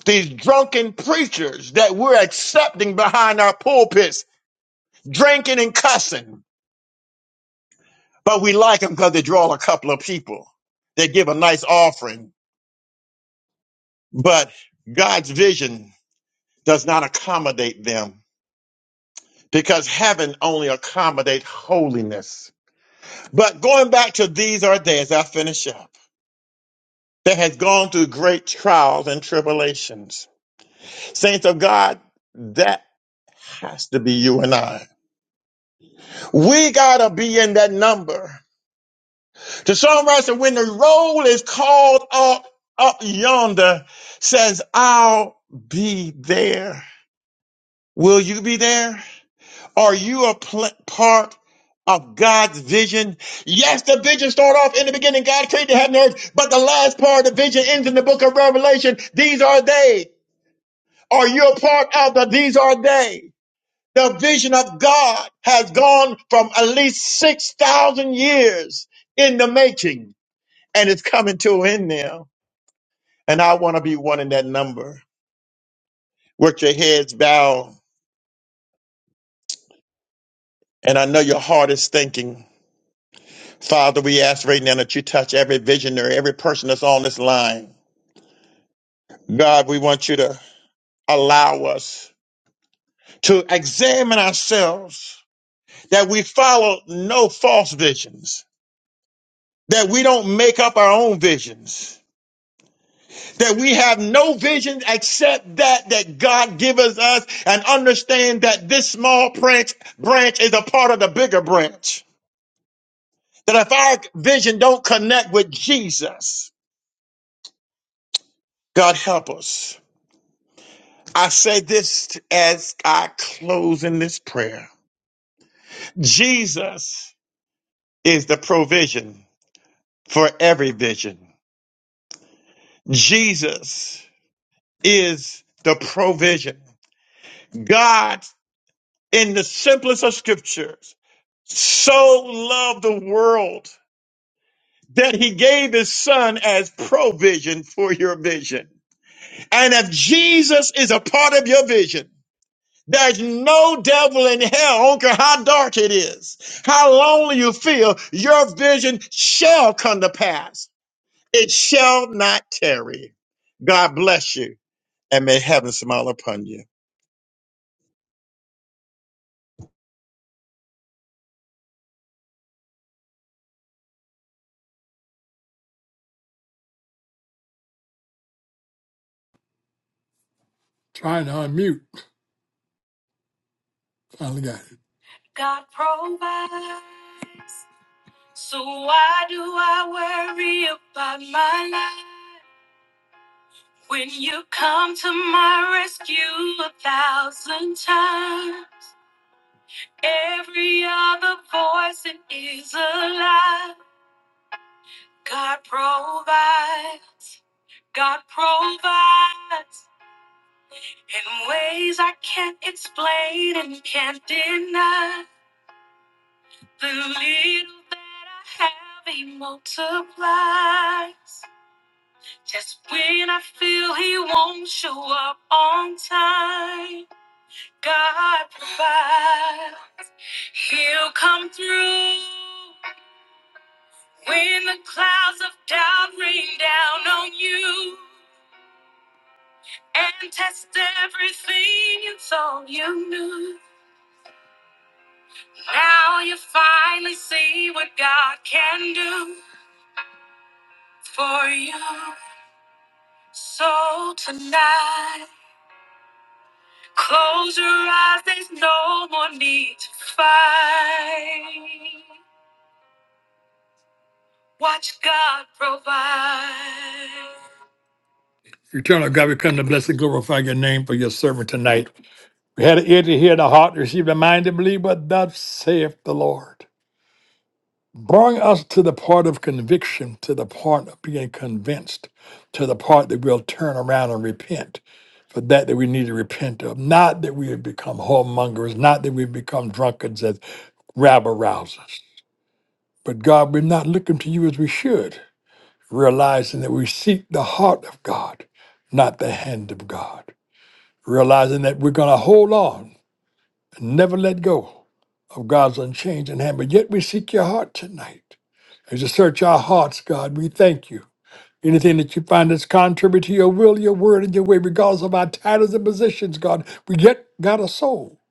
these drunken preachers that we're accepting behind our pulpits, drinking and cussing, but we like them because they draw a couple of people. They give a nice offering, but God's vision does not accommodate them because heaven only accommodates holiness. But going back to these are they as I finish up, that has gone through great trials and tribulations. Saints of God, that has to be you and I. We gotta be in that number The songwriter, when the roll is called up, up yonder, says, I'll be there. Will you be there? Are you a pl- part of God's vision? Yes, the vision started off in the beginning. God created heaven and earth, but the last part of the vision ends in the book of Revelation. These are they. Are you a part of the these are they? The vision of God has gone from at least 6,000 years in the making and it's coming to an end now. And I want to be one in that number. Work your heads bow, and I know your heart is thinking. Father, we ask right now that you touch every visionary, every person that's on this line. God, we want you to allow us to examine ourselves, that we follow no false visions, that we don't make up our own visions that we have no vision except that that God gives us and understand that this small branch branch is a part of the bigger branch. That if our vision don't connect with Jesus, God help us. I say this as I close in this prayer. Jesus is the provision for every vision. Jesus is the provision. God in the simplest of scriptures so loved the world that he gave his son as provision for your vision. And if Jesus is a part of your vision, there's no devil in hell, I don't care how dark it is, how lonely you feel, your vision shall come to pass. It shall not tarry. God bless you and may heaven smile upon you.
Trying to unmute. Finally got it. So why worry about me? God provide. He'll come through when the clouds of doubt rain down on you and test everything you thought you knew. Now you finally see what God can do for you. So Eternal God, we come to bless and glorify your name for your servant tonight. We had an ear to hear, the heart to receive, the mind to believe what thus saith the Lord. Bring us to the part of conviction, to the part of being convinced, to the part that we'll turn around and repent for that that we need to repent of. Not that we have become whoremongers, not that we've become drunkards as rabble rousers. But God, we're not looking to you as we should, realizing that we seek the heart of God, not the hand of God. realizing that we're going to hold on and never let go of God's unchanging hand. But yet we seek your heart tonight. As you search our hearts, God, we thank you. Anything that you find that's contrary to your will, your word, and your way, regardless of our titles and positions, God, we yet got a soul.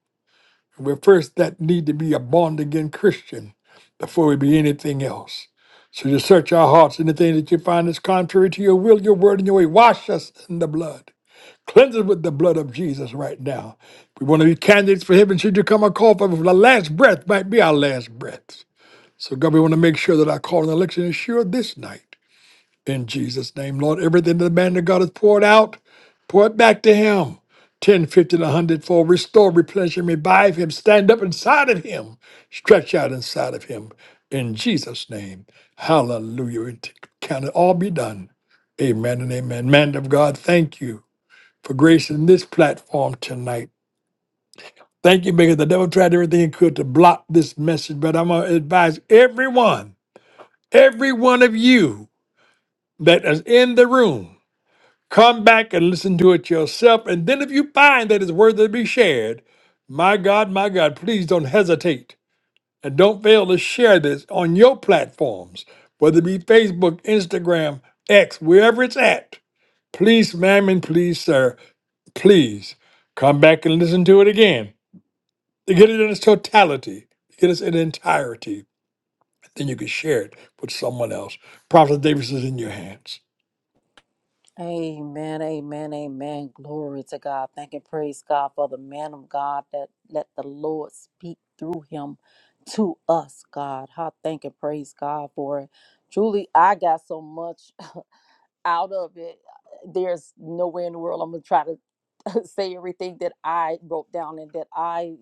We're first that need to be a born again Christian before we be anything else. So you search our hearts, anything that you find that's contrary to your will, your word, and your way, wash us in the blood. Cleanse us with the blood of Jesus right now. We want to be candidates for heaven. Should you come and call for the last breath might be our last breath. So God, we want to make sure that our call and election is sure this night. In Jesus' name, Lord, everything that the man of God has poured out, pour it back to him. 10, 50, and 100 for restore, replenish, and revive him. Stand up inside of him. Stretch out inside of him. In Jesus' name. Hallelujah. And Can it all be done? Amen and amen. Man of God, thank you for gracing this platform tonight. Thank you because the devil tried everything he could to block this message, but I'm going to advise everyone, every one of you that is in the room, come back and listen to it yourself. And then if you find that it's worthy to be shared, my God, my God, please don't hesitate And don't fail to share this on your platforms, whether it be Facebook, Instagram, X, wherever it's at. Please, ma'am, and please, sir, please come back and listen to it again. To get it in its totality, to get it in entirety. Then you can share it with someone else. Prophet Davis is in your hands.
Amen, amen, amen. Glory to God. Thank and praise God for the man of God that let the Lord speak through him to us, God. I thank and praise God for it. Truly, I got so much out of it. There's nowhere in the world I'm going to try to say everything that I wrote down and that I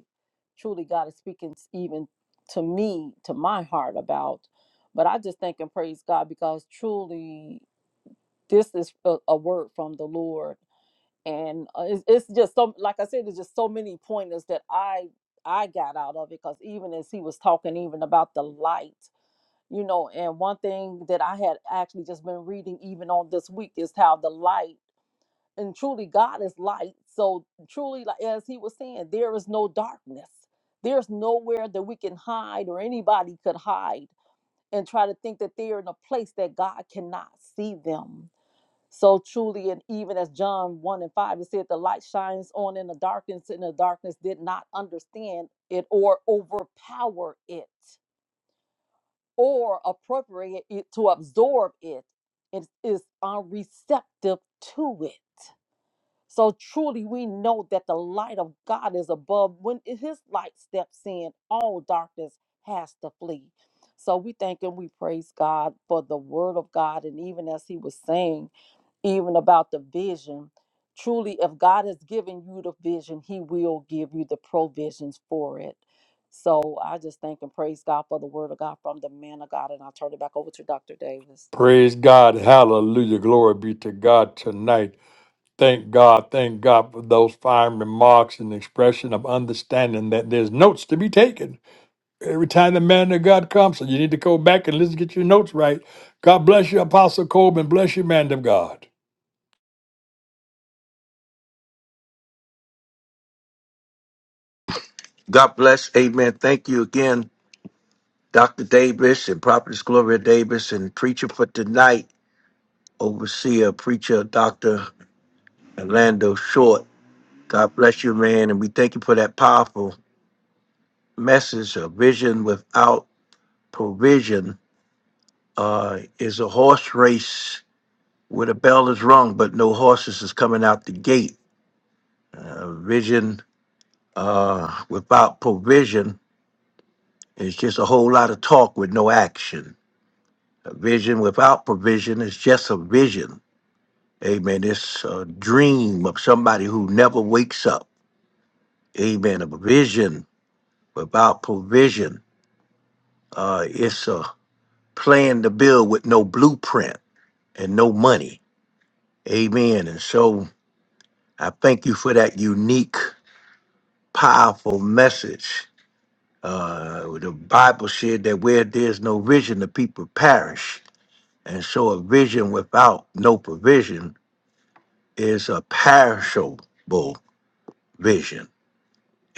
truly God is speaking s- even to me, to my heart about. But I just thank and praise God because truly this is a, a word from the Lord, and uh, it's, it's just so. Like I said, it's just so many pointers that I I got out of it because even as he was talking, even about the light, you know, and one thing that I had actually just been reading even on this week is how the light and truly God is light. So truly, like as he was saying, there is no darkness. There's nowhere that we can hide or anybody could hide and try to think that they're in a place that God cannot see them so truly, and even as John 1 and 5, it said, the light shines on in the darkness, and the darkness did not understand it or overpower it or appropriate it to absorb it. It is unreceptive to it. So truly, we know that the light of God is above. When his light steps in, all darkness has to flee. So we thank and we praise God for the word of God. And even as he was saying, even about the vision. Truly, if God has given you the vision, He will give you the provisions for it. So I just thank and praise God for the word of God from the man of God. And I'll turn it back over to Dr. Davis.
Praise God. Hallelujah. Glory be to God tonight. Thank God. Thank God for those fine remarks and expression of understanding that there's notes to be taken Every time the man of God comes, so you need to go back and listen, get your notes right. God bless you, Apostle Coleman. Bless you, man of God.
God bless. Amen. Thank you again, Dr. Davis and Prophetess Gloria Davis and preacher for tonight, overseer, preacher, Dr. Orlando Short. God bless you, man. And we thank you for that powerful message. A vision without provision uh, is a horse race where the bell is rung, but no horses is coming out the gate. Uh, vision uh, without provision is just a whole lot of talk with no action. A vision without provision is just a vision. Amen. It's a dream of somebody who never wakes up. Amen. A vision without provision. Uh, it's a plan to build with no blueprint and no money. Amen. And so I thank you for that unique, powerful message. Uh, the Bible said that where there's no vision, the people perish. And so a vision without no provision is a perishable. vision.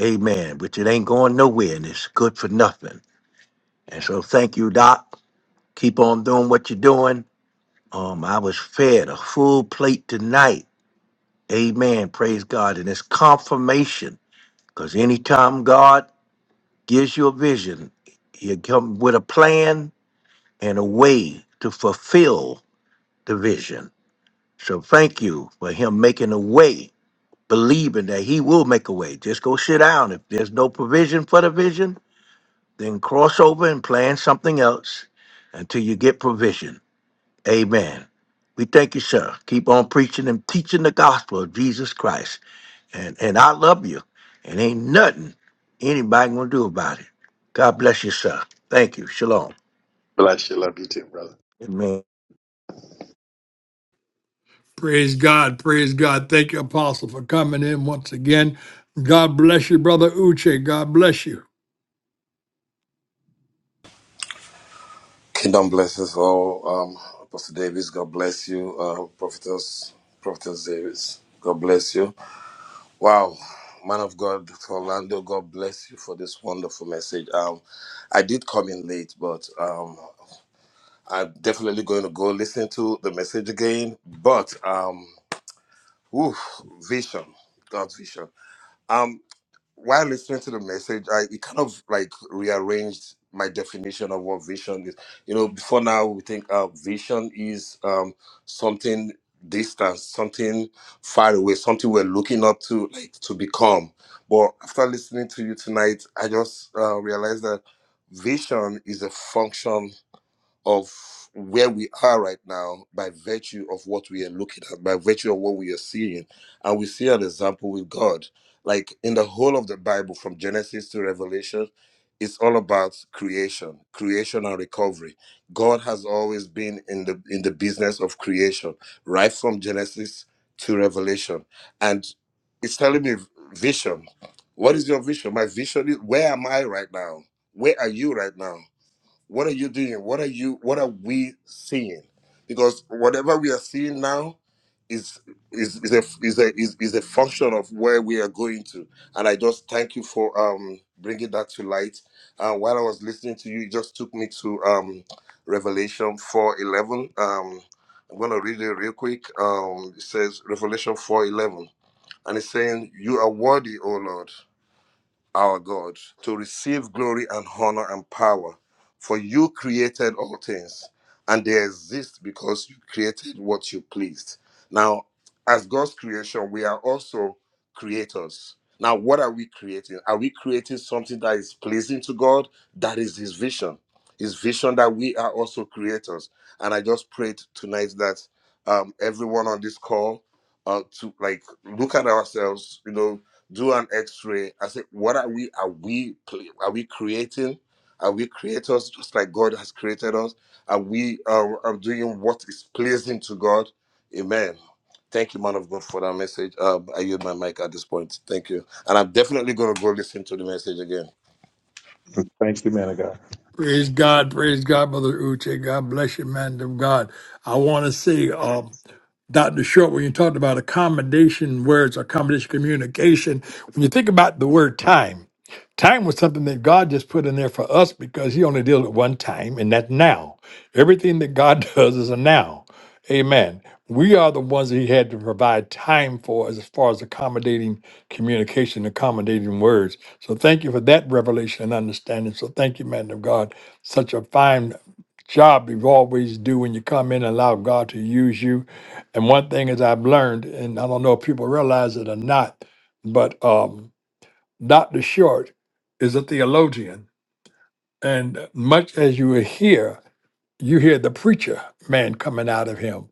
Amen. Which it ain't going nowhere and it's good for nothing. And so thank you, Doc. Keep on doing what you're doing. Um, I was fed a full plate tonight. Amen. Praise God. And it's confirmation. Because anytime God gives you a vision, he'll come with a plan and a way to fulfill the vision. So thank you for him making a way, believing that he will make a way. Just go sit down. If there's no provision for the vision, Then cross over and plan something else until you get provision. Amen. We thank you, sir. Keep on preaching and teaching the gospel of Jesus Christ. And and I love you. And ain't nothing anybody gonna do about it. God bless you, sir. Thank you. Shalom.
You too, brother.
Amen.
Praise God. Praise God. Thank you, Apostle, for coming in once again. God bless you, Brother Uche. God bless you.
Kingdom bless us all. Um, Apostle Davis, God bless you. Uh, Prophetess, Prophetess Davis, God bless you. Wow, man of God, Doctor Orlando, God bless you for this wonderful message. Um, I did come in late, but um, I'm definitely going to go listen to the message again. But um, oof, vision, God's vision. Um, while listening to the message, I it kind of like rearranged my definition of what vision is. You know, before now we think uh, vision is um, something distant, something far away, something we're looking up to, like to become. But after listening to you tonight, I just uh, realized that vision is a function of where we are right now by virtue of what we are looking at, by virtue of what we are seeing. And we see an example with God. Like in the whole of the Bible, from Genesis to Revelation, it's all about creation, creation and recovery. God has always been in the in the business of creation, right from Genesis to Revelation. And it's telling me vision. What is your vision? My vision is where am I right now? Where are you right now? What are you doing? What are you what are we seeing? Because whatever we are seeing now is is, is a is a is, is a function of where we are going to. And I just thank you for um bringing that to light. Uh, while I was listening to you, it just took me to um Revelation 4:11. Um I'm gonna read it real quick. Um, it says Revelation 4:11, and it's saying, "You are worthy, O Lord." our God, to receive glory and honor and power. For you created all things, and they exist because you created what you pleased. Now, as God's creation, we are also creators. Now, what are we creating? Are we creating something that is pleasing to God? That is His vision. His vision that we are also creators. And I just prayed tonight that um, everyone on this call uh, to like look at ourselves, you know, do an x-ray i said what are we are we play, are we creating are we creators just like god has created us are we um, are doing what is pleasing to god amen thank you man of god for that message uh, i use my mic at this point thank you and i'm definitely going to go listen to the message again
Praise God, praise God, Brother Uche. God bless you, man of God. I want to say, um, Dr. Short, when you talked about accommodation words, accommodation communication, when you think about the word time, time was something that God just put in there for us because He only deals with one time, and that's now. Everything that God does is a now. Amen. We are the ones that he had to provide time for as far as accommodating communication, accommodating words. So thank you for that revelation and understanding. So thank you, man of God. Such a fine job you always do when you come in and allow God to use you. And one thing is I've learned, and I don't know if people realize it or not, but um, Dr. Short is a theologian. And much as you will hear you hear the preacher man coming out of him.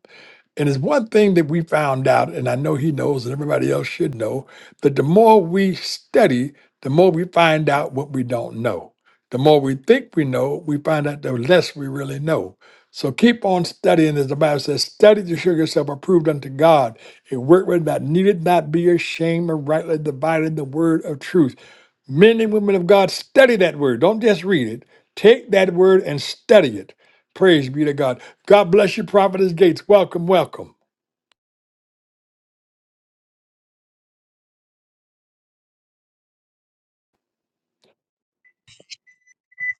And it's one thing that we found out, and I know he knows, and everybody else should know, that the more we study, the more we find out what we don't know. The more we think we know, we find out the less we really know. So keep on studying, as the Bible says, study to show yourself approved unto God, a workman that needed not be ashamed of rightly dividing the word of truth. Men and women of God, study that word. Don't just read it. Take that word and study it Praise be to God. God bless you, Prophetess Gates. Welcome, welcome.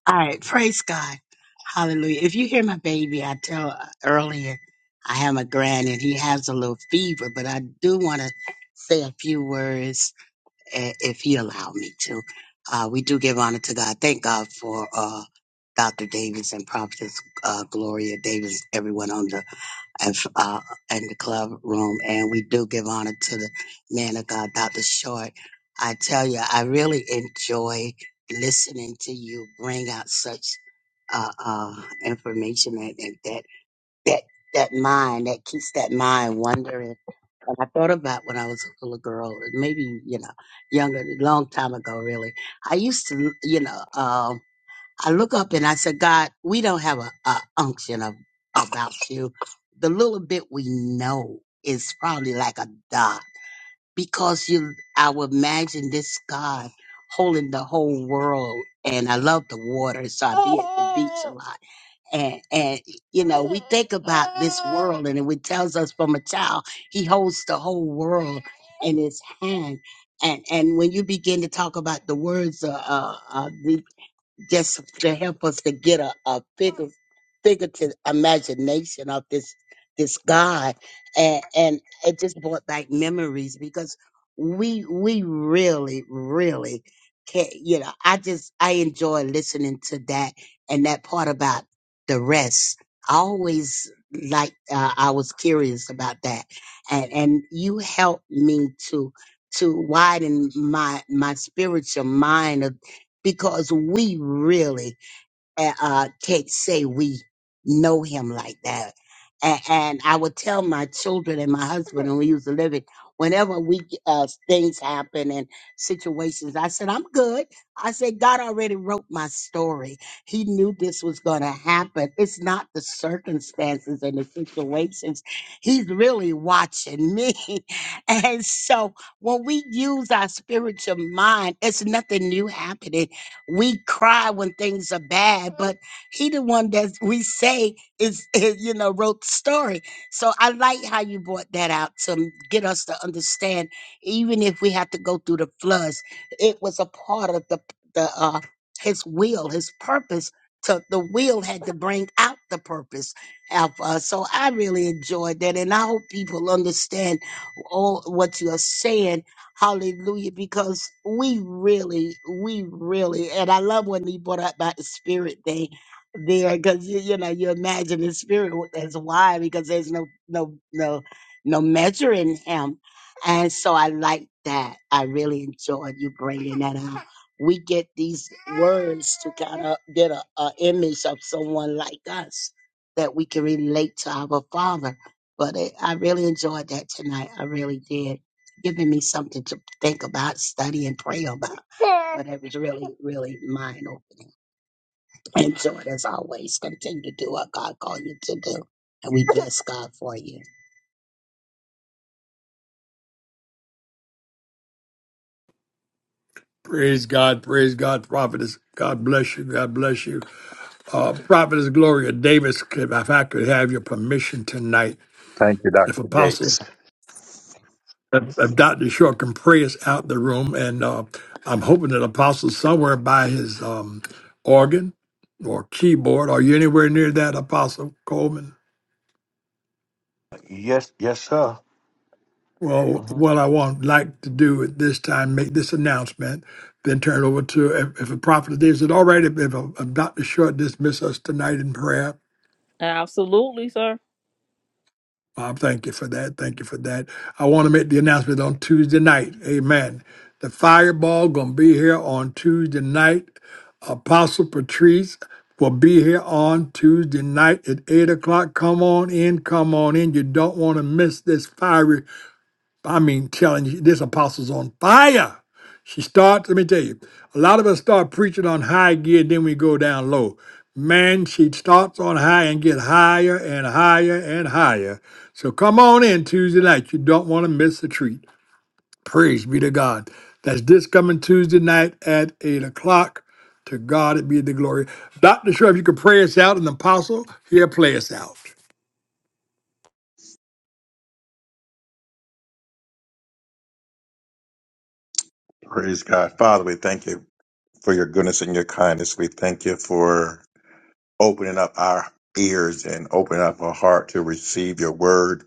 All right, praise God. Hallelujah. If you hear my baby, I tell earlier I have a grand and he has a little fever, but I do want to say a few words eh, if he allow me to. Uh, we do give honor to God. Thank God for uh, Dr. Davis and Prophetess uh, Gloria Davis, everyone on the of, uh, in the club room, and we do give honor to the man of God, Dr. Short. I tell you, I really enjoy listening to you bring out such uh, uh, information and, and that that that mind that keeps that mind wondering. And I thought about when I was a little girl, maybe you know, younger, long time ago, really. I used to, you know. Um, I look up and I said, God, we don't have a, a unction of, about you. The little bit we know is probably like a dot because you, I would imagine this God holding the whole world. And I love the water, so I be at the beach a lot. And, and, you know, we think about this world and it tells us from a child, he holds the whole world in his hand. And, and when you begin to talk about the words, uh, uh, uh, just to help us to get a, a bigger figurative imagination of this this God and and it just brought back memories because we we really really can you know I just I enjoy listening to that and that part about the rest I always like uh, I was curious about that and and you helped me to to widen my my spiritual mind because we really uh, uh, can't say we know him like that. And, and I would tell my children and my husband when we used to live it, whenever we uh, things happen and situations, I said, I'm good. I said, God already wrote my story. He knew this was going to happen. It's not the circumstances and the situations. He's really watching me. and so when we use our spiritual mind, it's nothing new happening we cry when things are bad, but he the one that we say is, you know, wrote the story. So I like how you brought that out to m- get us to understand, even if we had to go through the floods, it was a part of the the uh, his will, his purpose. To the will had to bring out the purpose of us. So I really enjoyed that, and I hope people understand all what you are saying Hallelujah. Because we really, we really, and I love when you brought up about the spirit thing there, because you, you know, you imagine the spirit w- that's why, because there's no no no no measure in him. And so I like that. I really enjoyed you bringing that out. We get these words to kind of get a, a image of someone like us that we can relate to our Father. But it, I really enjoyed that tonight. I really did giving me something to think about, study, and pray about. But it was really, really mind opening. And so, as always, continue to do what God called you to do. And we bless God for you.
Praise God, praise God, Prophetess. God bless you, God bless you. Uh, Prophetess Gloria Davis, could- if I could have your permission tonight,
Thank
if Apostle, if Dr. Short can pray us out the room, and uh, I'm hoping that Apostle somewhere by his um, organ or keyboard, are you anywhere near that, Apostle Coleman?
Yes, yes, sir.
Well,
Mhm.
what I want like to do at this time, make this announcement, then turn it over to if, if a prophet of this is already if a, a Dr. Short dismiss us tonight in prayer.
Absolutely, sir.
Bob, thank you for that. Thank you for that. I want to make the announcement on Tuesday night. Amen. The fireball gonna be here on Tuesday night. Apostle Patrice will be here on Tuesday night at eight o'clock. Come on in, come on in. You don't want to miss this fiery I mean, telling you, this apostle's on fire. She starts, let me tell you, a lot of us start preaching on high gear, then we go down low. Man, she starts on high and get higher and higher and higher. So come on in Tuesday night. You don't want to miss the treat. Praise be to God. That's this coming Tuesday night at 8 o'clock. To God it be the glory. Dr. Shrub, you can pray us out, and the apostle, here, play us out.
you. Praise God. Father, we thank you for your goodness and your kindness. We thank you for opening up our ears and opening up our heart to receive your word.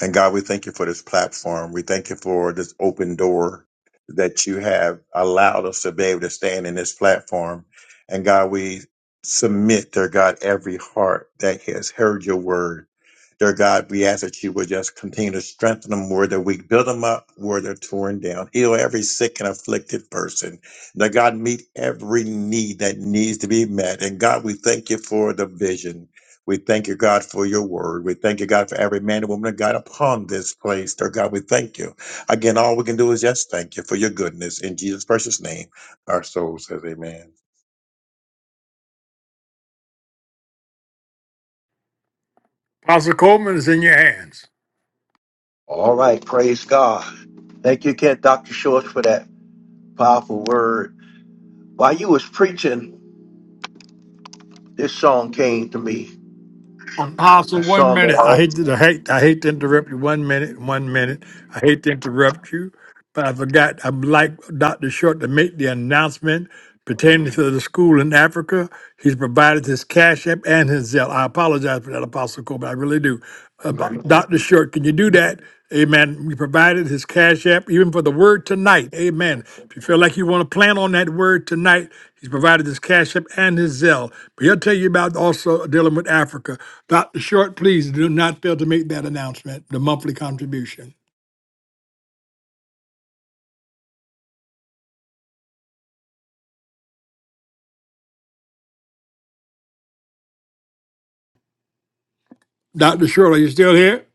And God, we thank you for this platform. We thank you for this open door that you have allowed us to be able to stand in this platform. And God, we submit, dear God, every heart that has heard your word. Dear God, we ask that you would just continue to strengthen them where they're weak, build them up where they're torn down, heal every sick and afflicted person. Now, God, meet every need that needs to be met. And God, we thank you for the vision. We thank you, God, for your word. We thank you, God, for every man and woman of God upon this place. Dear God, we thank you. Again, all we can do is just thank you for your goodness. In Jesus' precious name, our soul says amen.
Apostle Coleman is in your hands.
All right, praise God. Thank you again, Dr. Shorts, for that powerful word. While you was preaching, this song came to me. A
Apostle, one
song that I
minute. I
always
hate to I hate I hate to interrupt you. One minute, one minute. I hate to interrupt you. But I forgot, I'd like Dr. Short to make the announcement pertaining to the school in Africa. He's provided his Cash App and his Zelle. I apologize for that, Apostle Coleman. I really do. Uh,
remember.
but Dr. Short, can you do that? Amen. We provided his Cash App even for the word tonight. Amen. If you feel like you want to plan on that word tonight, he's provided his Cash App and his Zelle. But he'll tell you about also dealing with Africa. Dr. Short, please do not fail to make that announcement, the monthly contribution. Dr. Short, are you still here?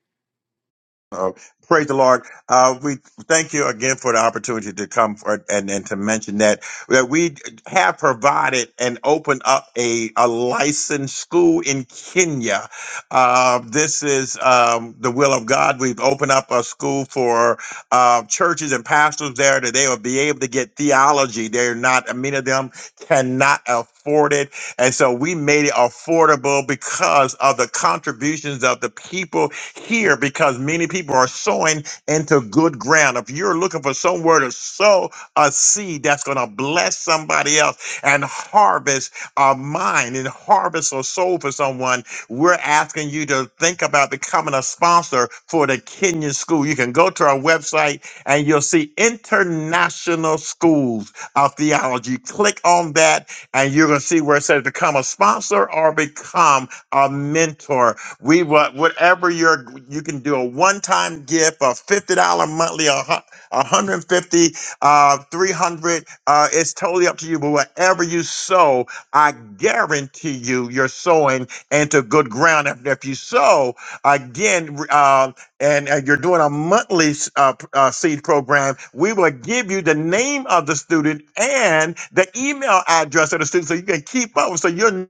Uh, praise the Lord. Uh, we thank you again for the opportunity to come for, and, and to mention that, that we have provided and opened up a, a licensed school in Kenya. Uh, this is um, the will of God. We've opened up a school for uh, churches and pastors there that they will be able to get theology. They're not, many of them cannot afford it. And so we made it affordable because of the contributions of the people here because many people are sowing into good ground. If you're looking for somewhere to sow a seed that's going to bless somebody else and harvest a mind and harvest a soul for someone, we're asking you to think about becoming a sponsor for the Kenyan School. You can go to our website and you'll see International Schools of Theology. Click on that and you're going to see where it says become a sponsor or become a mentor we what whatever your you can do a one time gift, a fifty dollar monthly, a hu- a hundred and fifty, uh, three hundred. Uh, it's totally up to you. But whatever you sow, I guarantee you, you're sowing into good ground. If, if you sow again, re- uh, and uh, you're doing a monthly s- uh, p- uh, seed program, we will give you the name of the student and the email address of the student, so you can keep up. So you're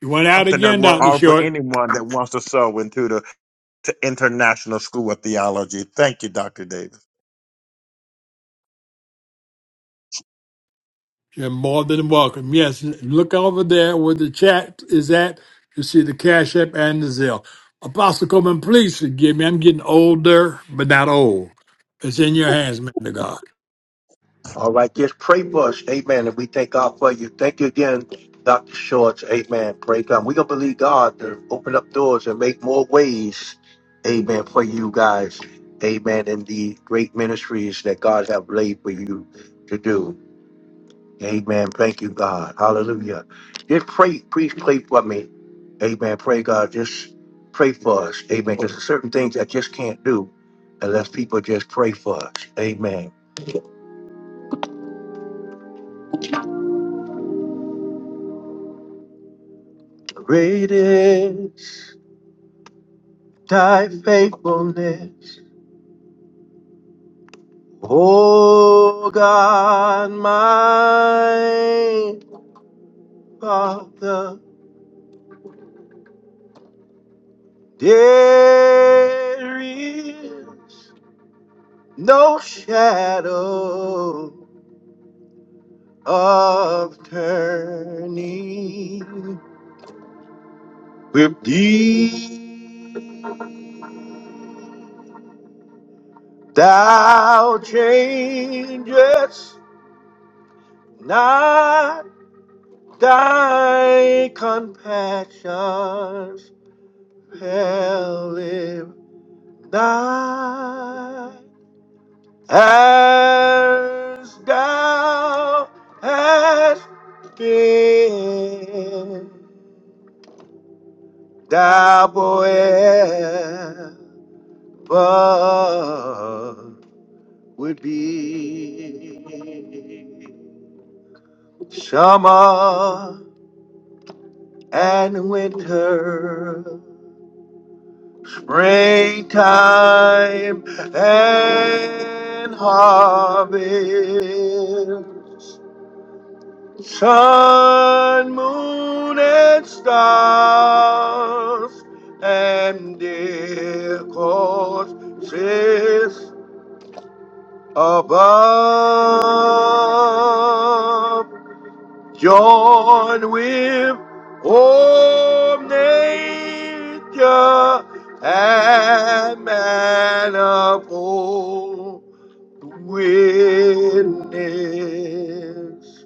You went out
something that
again,
we
Dr.
offer
Short.
anyone that wants to sow into the to international school of theology. Thank you, Dr. Davis.
You're more than welcome. Yes, look over there where the chat is at. You see the Cash App and the Zelle. Apostle Coleman, please forgive me. I'm getting older, but not old. It's in your hands, man of God.
All right, just pray for us. Amen. And we thank God for you. Thank you again, Dr. Shorts. Amen. Pray God. We're going to believe God to open up doors and make more ways. Amen. For you guys. Amen. And the great ministries that God have laid for you to do. Amen. Thank you, God. Hallelujah. Just pray, please pray for me. Amen. Pray God. Just pray for us. Amen. Because there's certain things I just can't do unless people just pray for us. Amen. Great is Thy faithfulness, O God, my Father, there is no shadow of turning with thee. Thou changest not thy compassions. Hell if thy as thou hast been, thou forever would be summer and winter Springtime and harvest, sun, moon, and stars, and their courses above join with all nature and manifold witness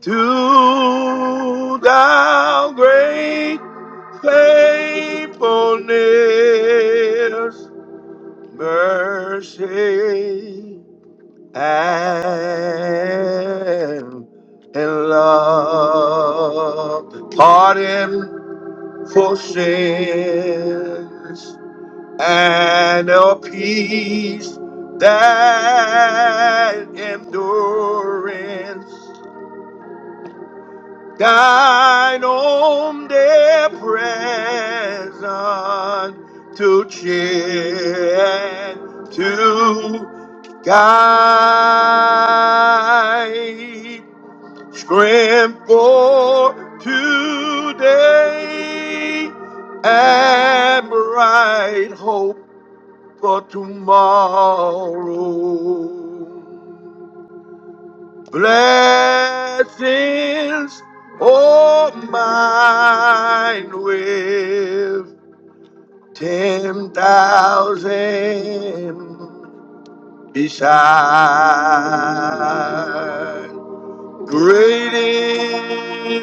to thou great faithfulness, mercy and in love, pardon for sins, and a peace that endurance thine own dear presence to cheer and to guide. strength for today and bright hope for tomorrow. Blessings, all mine with ten thousand beside. Great is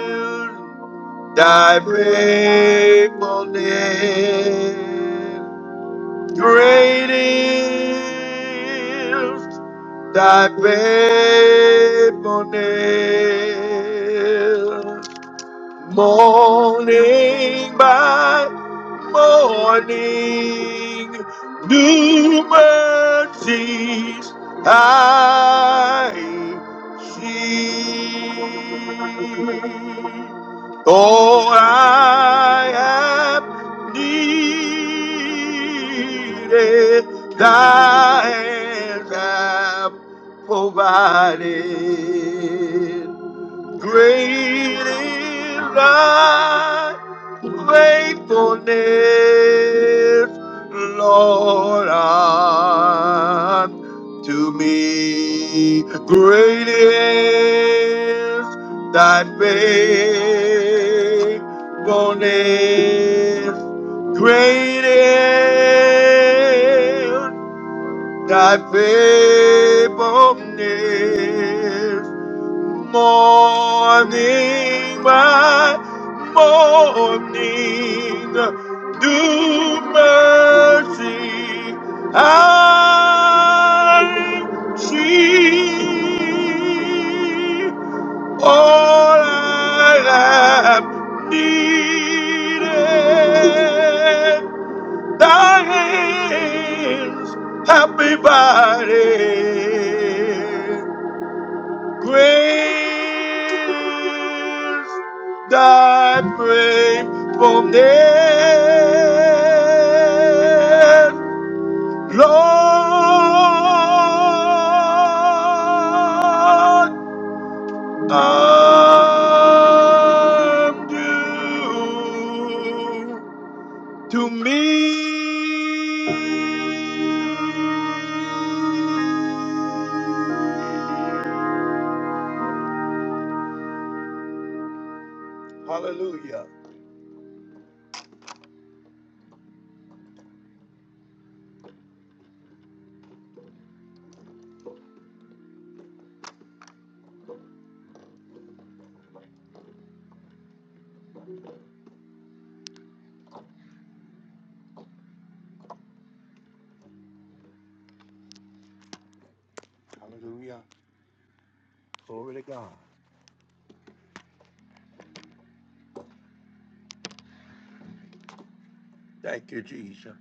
thy faithfulness. Great is Thy faithfulness, morning by morning, new mercies I see. All I have needed, thy hands have provided. Great is thy faithfulness, Lord, unto me. Great is thy faithfulness. Great is thy faithfulness. Morning by morning, new mercy I see. All I have needed, thy hands have provided. Praise thy faithfulness, Lord. Undo to me. Hallelujah. Hallelujah. Glory to God. Thank you, Jesus.